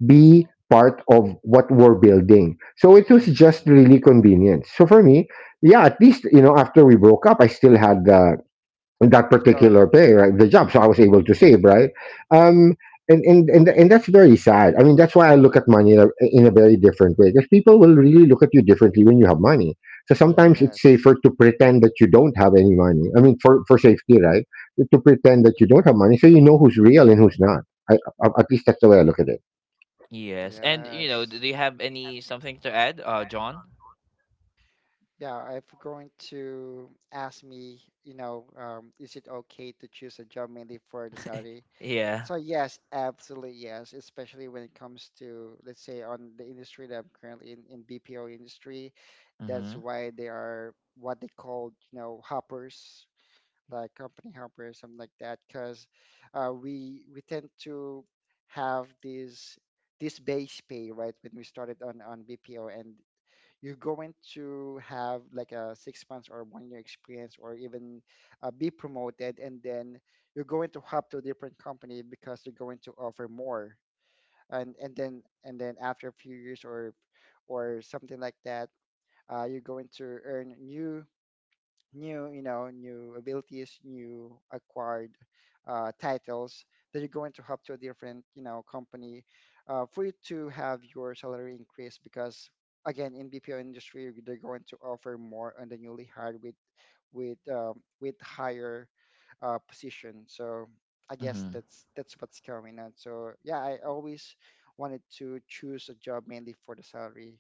[SPEAKER 3] be part of what we're building. So it was just
[SPEAKER 2] Mhm.
[SPEAKER 1] Mhm.
[SPEAKER 3] really convenient. So for me, yeah, at least, you know, after we broke up, I still had, that
[SPEAKER 2] The job.
[SPEAKER 3] particular pay, right, the job, so I was able
[SPEAKER 2] Mhm.
[SPEAKER 3] to save, right? Um, and that's very sad. I mean, that's why I look at money in in a very different way, because people will really look at you differently when you have money. So sometimes
[SPEAKER 1] Mhm.
[SPEAKER 3] it's
[SPEAKER 2] Yes.
[SPEAKER 3] safer to pretend that you don't have any money. I mean, for safety, right? To pretend that you don't have
[SPEAKER 2] Mhm.
[SPEAKER 3] money, so you know who's real and who's not. I, at least that's the way I look at it.
[SPEAKER 1] Yes. And you know, do
[SPEAKER 2] Yes.
[SPEAKER 1] you have any something to add, John?
[SPEAKER 2] Yeah, if you're going to ask me, you know, is it okay to choose a job mainly for the salary?
[SPEAKER 1] Yeah.
[SPEAKER 2] So yes, absolutely yes, especially when it comes to, let's say, on the industry that I'm currently in BPO industry. That's
[SPEAKER 1] Mhm.
[SPEAKER 2] why they are what they call, you know, hoppers. Like company helper or something like that, because we tend to have this base pay, right? When we started on BPO, and you're going to have like a 6 months or one year experience, or even be promoted, and then you're going to hop to a different company because they're going to offer more, and then after a few years or something like that, you're going to earn new new you know new abilities, new acquired titles, that you're going to hop to a different company for you to have your salary increase, because again, in bpo industry, they're going to offer more on the newly hired with with higher position. So I guess
[SPEAKER 1] Mhm.
[SPEAKER 2] that's what's coming on. So yeah, I always wanted to choose a job mainly for the salary.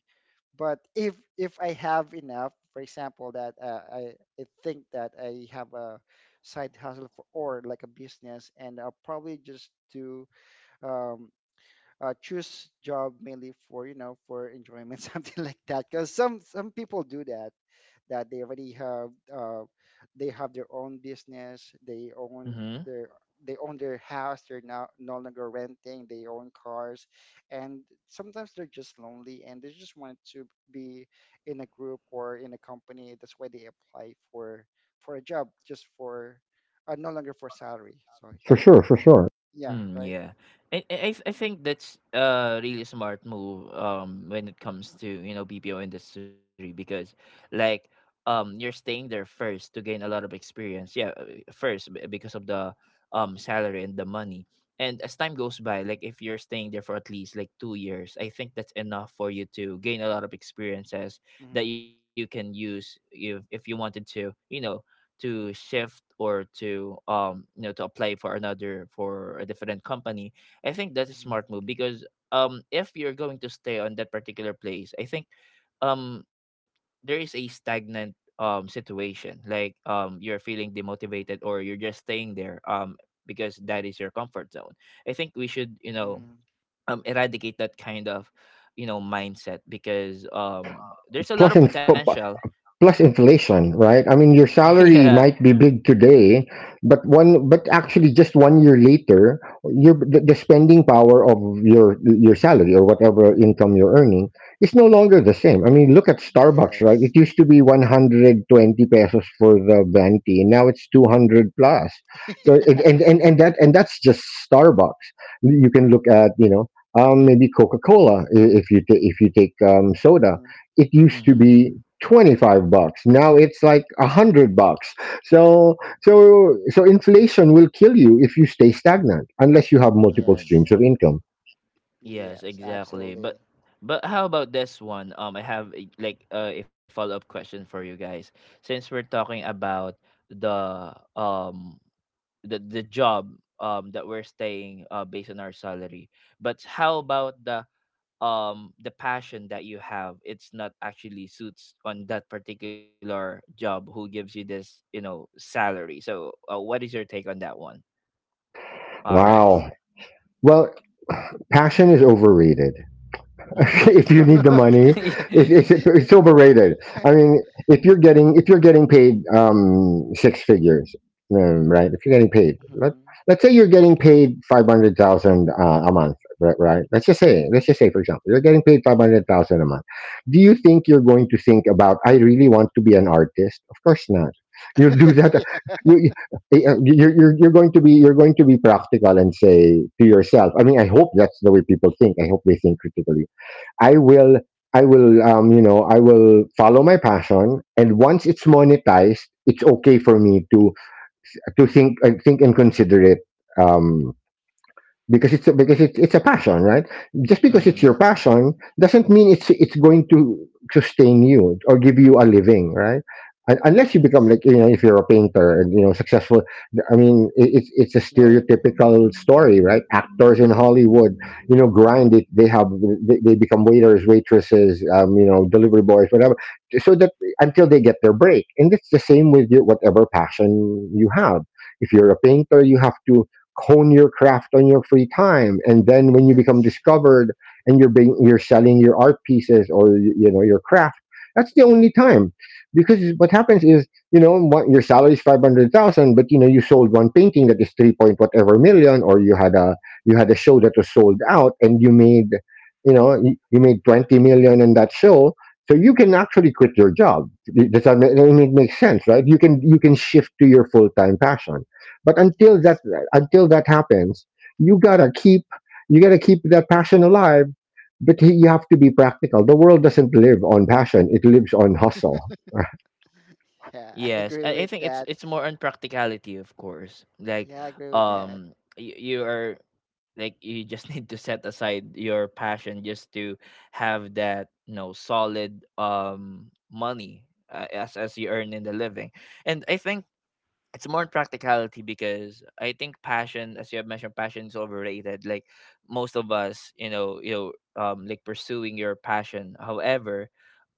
[SPEAKER 2] But if I have enough, for example, that I think that I have a side hustle for, or like a business, and I'll probably just do um, choose job mainly for for enjoyment something like that. Because some people do that, that they already have they have their own business,
[SPEAKER 1] Mhm.
[SPEAKER 2] their they own their house, they're now no longer renting, they own cars, and sometimes they're just lonely and they just want to be in a group or in a company. That's why they apply for a job just for no longer for salary. So
[SPEAKER 3] For
[SPEAKER 2] yeah,
[SPEAKER 3] sure, for sure.
[SPEAKER 2] yeah,
[SPEAKER 1] Mm,
[SPEAKER 2] right.
[SPEAKER 1] yeah. I think that's a really smart move when it comes to, you know, BPO industry because like you're staying there first to gain a lot of experience. Yeah, because of the salary and the money. And as time goes by, like if you're staying there for at least like 2 years, I think that's enough for you to gain a lot of experiences that
[SPEAKER 2] Mm-hmm.
[SPEAKER 1] you can use if you wanted to, you know, to shift or to you know to apply for another for a different company. I think that's a
[SPEAKER 2] Mm-hmm.
[SPEAKER 1] smart move because if you're going to stay on that particular place, I think um there is a stagnant situation, like you're feeling demotivated or you're just staying there because that is your comfort zone. I think we should, you know,
[SPEAKER 2] Mm-hmm.
[SPEAKER 1] eradicate that kind of, you know, mindset because there's a lot
[SPEAKER 3] Plus,
[SPEAKER 1] of
[SPEAKER 3] in sp-
[SPEAKER 1] potential.
[SPEAKER 3] Plus inflation, right? I mean, your salary
[SPEAKER 1] Yeah.
[SPEAKER 3] might be big today, but but actually, just one year later, your the spending power of your salary, or whatever income you're earning, is no longer the same. I mean, look at Starbucks, right? It
[SPEAKER 2] Yes.
[SPEAKER 3] used to be 120 pesos for the venti, and now it's 200 plus. So, and that and that's just Starbucks. You can look at, you know... maybe Coca Cola. If you take, soda,
[SPEAKER 2] Mhm.
[SPEAKER 3] it used to
[SPEAKER 1] Mm-hmm.
[SPEAKER 3] be 25 bucks. Now it's like 100 bucks. So so so inflation will kill you if you stay stagnant, unless you have multiple
[SPEAKER 1] Mm.
[SPEAKER 2] Yes,
[SPEAKER 3] streams of income.
[SPEAKER 1] Yes,
[SPEAKER 2] yes,
[SPEAKER 1] exactly.
[SPEAKER 2] absolutely.
[SPEAKER 1] But how about this one? I have a follow up question for you guys. Since we're talking about the um the job that we're staying based on our salary, but how about the passion that you have? It's not actually suits on that particular job who gives you this, you know, salary. So what is your take on that one, Rex?
[SPEAKER 3] Wow. Well, passion is overrated.
[SPEAKER 1] Mm-hmm.
[SPEAKER 3] If you need the money,
[SPEAKER 2] Okay.
[SPEAKER 1] Yeah.
[SPEAKER 3] it's overrated. I mean, if you're getting, paid, six figures. Right? If you're getting paid, let
[SPEAKER 2] Mm-hmm.
[SPEAKER 3] let's say you're getting paid 500,000, a month, right? Right? Let's just say, for example, you're getting paid 500,000 a month. Do you think you're going to think about, "I really want to be an artist"? Of course not. You'll do that.
[SPEAKER 2] Mm-hmm.
[SPEAKER 3] You, you- you're going to be practical and say to yourself, I mean, I hope that's the way people think. I hope they think critically. I will, I will, you know, I will follow my passion, and once it's monetized, it's okay for me to think and consider it. Um, because it's a passion, right? Just because
[SPEAKER 2] Hmm.
[SPEAKER 3] it's your
[SPEAKER 1] Mm.
[SPEAKER 2] Yes.
[SPEAKER 3] passion doesn't mean it's going to sustain you or give you a living, right? Unless you become
[SPEAKER 2] Yes.
[SPEAKER 3] like, you know, if you're a painter and, you know, successful. I mean, it's a
[SPEAKER 2] No, no.
[SPEAKER 3] stereotypical story,
[SPEAKER 2] Mm-hmm.
[SPEAKER 3] right? Actors in Hollywood, you know, grind it. They become waiters, waitresses, you know, delivery boys, whatever, so that until
[SPEAKER 2] Hmm.
[SPEAKER 3] they get their break. And it's the same with your, whatever passion you have. If you're a painter, you have to hone your craft on your free time, and then when you become
[SPEAKER 2] Yes.
[SPEAKER 3] discovered and you're selling your art pieces, or you know, your craft, that's the only time. Because what happens is, you know, what your salary is 500,000, but you know you sold one painting that is 3 point whatever million, or you had a, show that was sold out and you made, you made 20 million in that show. So you can actually quit your job. It makes sense, right? You can, shift to your full-time passion. But
[SPEAKER 2] Yes.
[SPEAKER 3] until that happens, you gotta keep you gotta keep that passion alive. But you have to be practical. The world doesn't live on passion; it lives on hustle.
[SPEAKER 2] Yeah, I
[SPEAKER 1] Yes,
[SPEAKER 2] agree
[SPEAKER 1] I
[SPEAKER 2] with
[SPEAKER 1] think
[SPEAKER 2] that.
[SPEAKER 1] it's more on practicality, of course. Like,
[SPEAKER 2] Yeah, I agree with that.
[SPEAKER 1] you are like you just need to set aside your passion just to have that, you know, solid money, as you earn in the living, and I think it's more on practicality because I think passion, as you have mentioned, passion is overrated. Like most of us, you know, like pursuing your passion. However,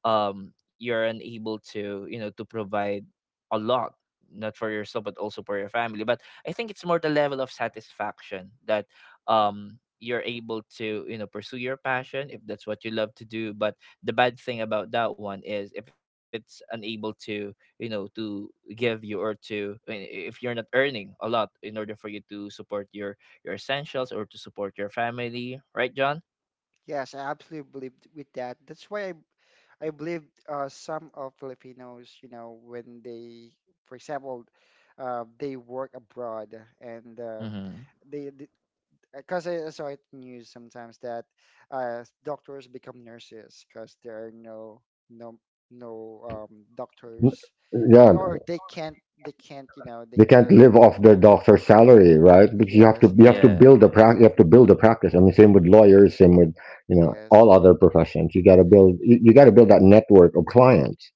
[SPEAKER 1] you're unable to, you know, to provide a lot, not for yourself but also for your family. But I think it's more the level of satisfaction that you're able to, you know, pursue your passion if that's what you love to do. But the bad thing about that one is if it's unable to, you know, to give you or to, I mean, if you're not earning a lot in order for you to support your essentials or to support your family, right, John?
[SPEAKER 2] Yes, I absolutely believe with that. That's why I believe some of Filipinos, you know, when they, for example, they work abroad, and
[SPEAKER 1] Mm-hmm.
[SPEAKER 2] they because I saw it in news sometimes that doctors become nurses because there are no no doctors,
[SPEAKER 3] Yeah,
[SPEAKER 2] or they can't you know, they
[SPEAKER 3] they can't
[SPEAKER 2] can't
[SPEAKER 3] live off their doctor's salary, right? Because you have to,
[SPEAKER 2] yes,
[SPEAKER 1] Yeah.
[SPEAKER 3] build a practice. You have to build a practice. I mean, same with lawyers, same with, you know,
[SPEAKER 2] yes,
[SPEAKER 3] all other professions. You gotta build, you gotta build that network of clients.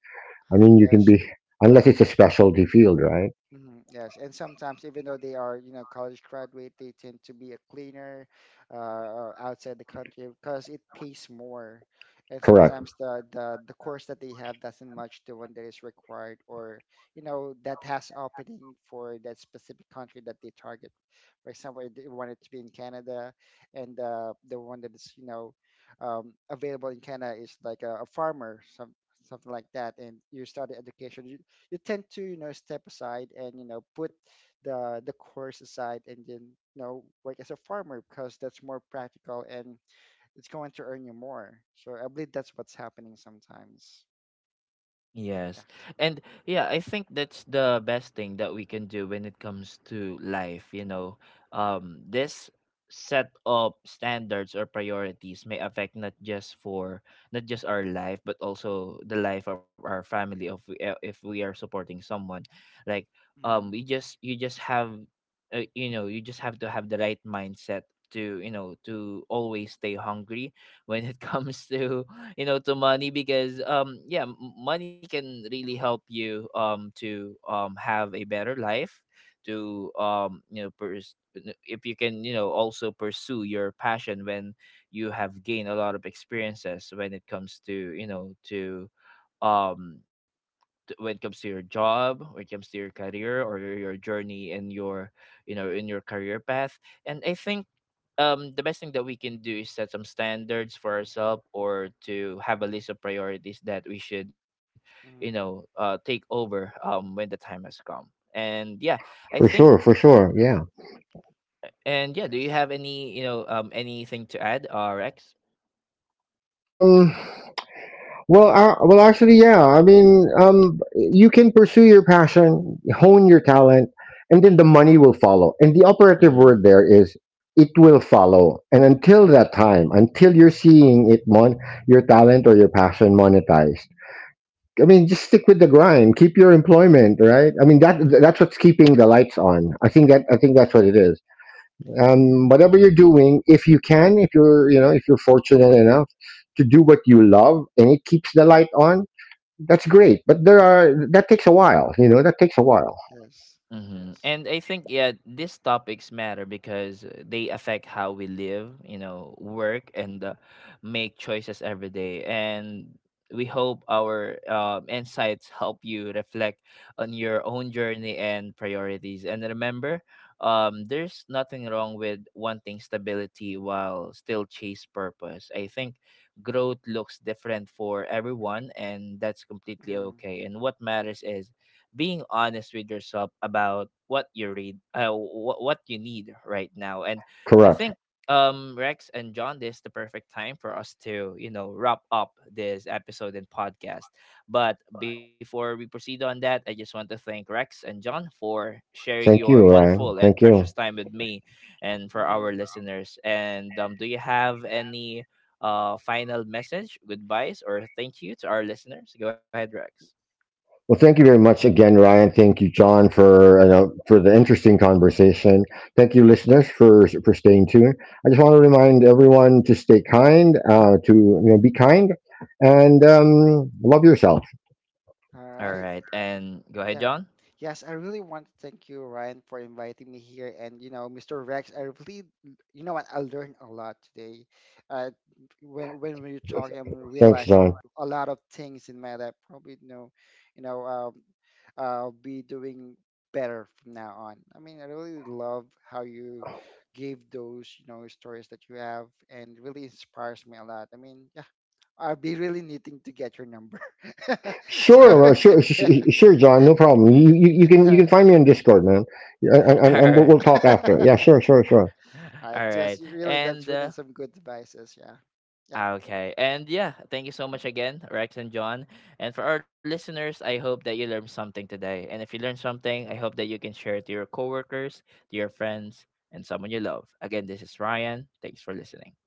[SPEAKER 3] I mean, you can
[SPEAKER 2] yes.
[SPEAKER 3] be unless it's a specialty field, right?
[SPEAKER 2] Hmm. Yes, and sometimes even though they are, you know, college graduate, they tend to be a cleaner outside the country because it pays more. And
[SPEAKER 3] Correct.
[SPEAKER 2] sometimes the course that they have doesn't match the one that is required, or you know, that has opening for that specific country that they target. For example, they wanted to be in Canada, and the one that is, you know, available in Canada is like a farmer, something like that, and you start the education, you tend to, you know, step aside and you know, put the course aside, and then you know, work as a farmer because that's more practical, and it's going to earn you more. So I believe that's what's happening sometimes.
[SPEAKER 1] Yes.
[SPEAKER 2] Yeah.
[SPEAKER 1] And yeah, I think that's the best thing that we can do when it comes to life, you know. This set of standards or priorities may affect not just for not just our life but also the life of our family, of if we are supporting someone, like we
[SPEAKER 2] Mm,
[SPEAKER 1] just you just have you know, you just have to have the right mindset to, you know, to always stay hungry when it comes to, you know, to money because yeah, money can really help you to have a better life, to you know, if you can, you know, also pursue your passion when you have gained a lot of experiences when it comes to, you know, to um when it comes to your job, when it comes to your career, or your journey in your, you know, in your career path. And I think the best thing that we can do is set some standards for ourselves or to have a list of priorities that we should, you know,
[SPEAKER 2] mm,
[SPEAKER 1] take over when the time has come. And yeah, I
[SPEAKER 3] For
[SPEAKER 1] think,
[SPEAKER 3] sure, for sure. Yeah.
[SPEAKER 1] and yeah, do you
[SPEAKER 2] yes.
[SPEAKER 1] have any, you know, anything to add, rx
[SPEAKER 3] Um. Well. Well. Actually, yeah. I mean, you can pursue your passion, hone your talent, and then the money will follow. And the operative word there is, it will follow. And until that time, until you're seeing it, your talent or your passion monetized. I mean, just stick with the grind. Keep your employment, right?
[SPEAKER 2] Mhm.
[SPEAKER 3] I mean, that's what's keeping the lights on. I think
[SPEAKER 2] Yeah.
[SPEAKER 3] that's what it is, whatever you're doing. If you're, you know, if you're fortunate enough to do what you love and it keeps the light on, that's great. But there
[SPEAKER 2] Mhm.
[SPEAKER 3] are that takes a while, you know, that takes a while.
[SPEAKER 2] Yes.
[SPEAKER 1] hmm.
[SPEAKER 2] Yes.
[SPEAKER 1] And I think, yeah, these topics matter because they affect how we live, you know, work, and make choices every day. And we hope our insights help you reflect on your own journey and priorities. And remember, there's nothing wrong with wanting stability while still chase purpose. I think growth looks different for everyone, and that's completely okay. And what matters is being honest with yourself about what you what you need right now. And I
[SPEAKER 3] Correct.
[SPEAKER 1] think Rex and John, this is the perfect time for us to, you know, wrap up this episode and podcast. But before we proceed on that, I just want to thank Rex and John for sharing
[SPEAKER 3] Thank
[SPEAKER 1] your
[SPEAKER 3] you,
[SPEAKER 1] wonderful
[SPEAKER 3] Ryan.
[SPEAKER 1] and
[SPEAKER 3] Thank you.
[SPEAKER 1] precious time with me, and for our
[SPEAKER 2] Mm-hmm.
[SPEAKER 1] listeners. And do you have any final message, goodbyes, or thank you to our listeners? Go ahead, Rex.
[SPEAKER 3] Well, thank you very much again, Ryan. Thank you, John, for, you know, for the interesting conversation. Thank you,
[SPEAKER 2] Yeah.
[SPEAKER 3] listeners, for staying tuned. I just want to remind everyone to stay kind, to, you know, be kind, and, love yourself.
[SPEAKER 2] All
[SPEAKER 1] All right,
[SPEAKER 2] right.
[SPEAKER 1] and go ahead,
[SPEAKER 2] Yeah.
[SPEAKER 1] John.
[SPEAKER 2] Yes, I really want to thank you, Ryan, for inviting me here. And, you know, Mr. Rex, I really, you know what, I learned a lot today. Uh, when we are talking, I'm
[SPEAKER 3] Thanks,
[SPEAKER 2] realizing
[SPEAKER 3] John.
[SPEAKER 2] a lot of things in my life. Probably, you know, you know, um, I'll be doing better from now on. I mean, I really love how you gave those, you know, stories that you have, and really inspires me a lot. I mean, yeah, I'll be really needing to get your number. So
[SPEAKER 3] Sure,
[SPEAKER 2] yeah,
[SPEAKER 3] sure, John. No problem. You can
[SPEAKER 2] all
[SPEAKER 3] find me on Discord, man, and,
[SPEAKER 1] All right,
[SPEAKER 3] we'll, talk after.
[SPEAKER 2] right,
[SPEAKER 3] Yeah, sure, sure, sure.
[SPEAKER 2] all right.
[SPEAKER 1] all right,
[SPEAKER 2] Just really,
[SPEAKER 1] and
[SPEAKER 2] that's really some good advices. Yeah, yeah.
[SPEAKER 1] okay, and yeah, thank you so much again, Rex and John, and for our listeners, I hope that you learned something today, and if you learned something, I hope that you can share it to your coworkers, to your friends, and someone you love. Again, this is Ryan. Thanks for listening.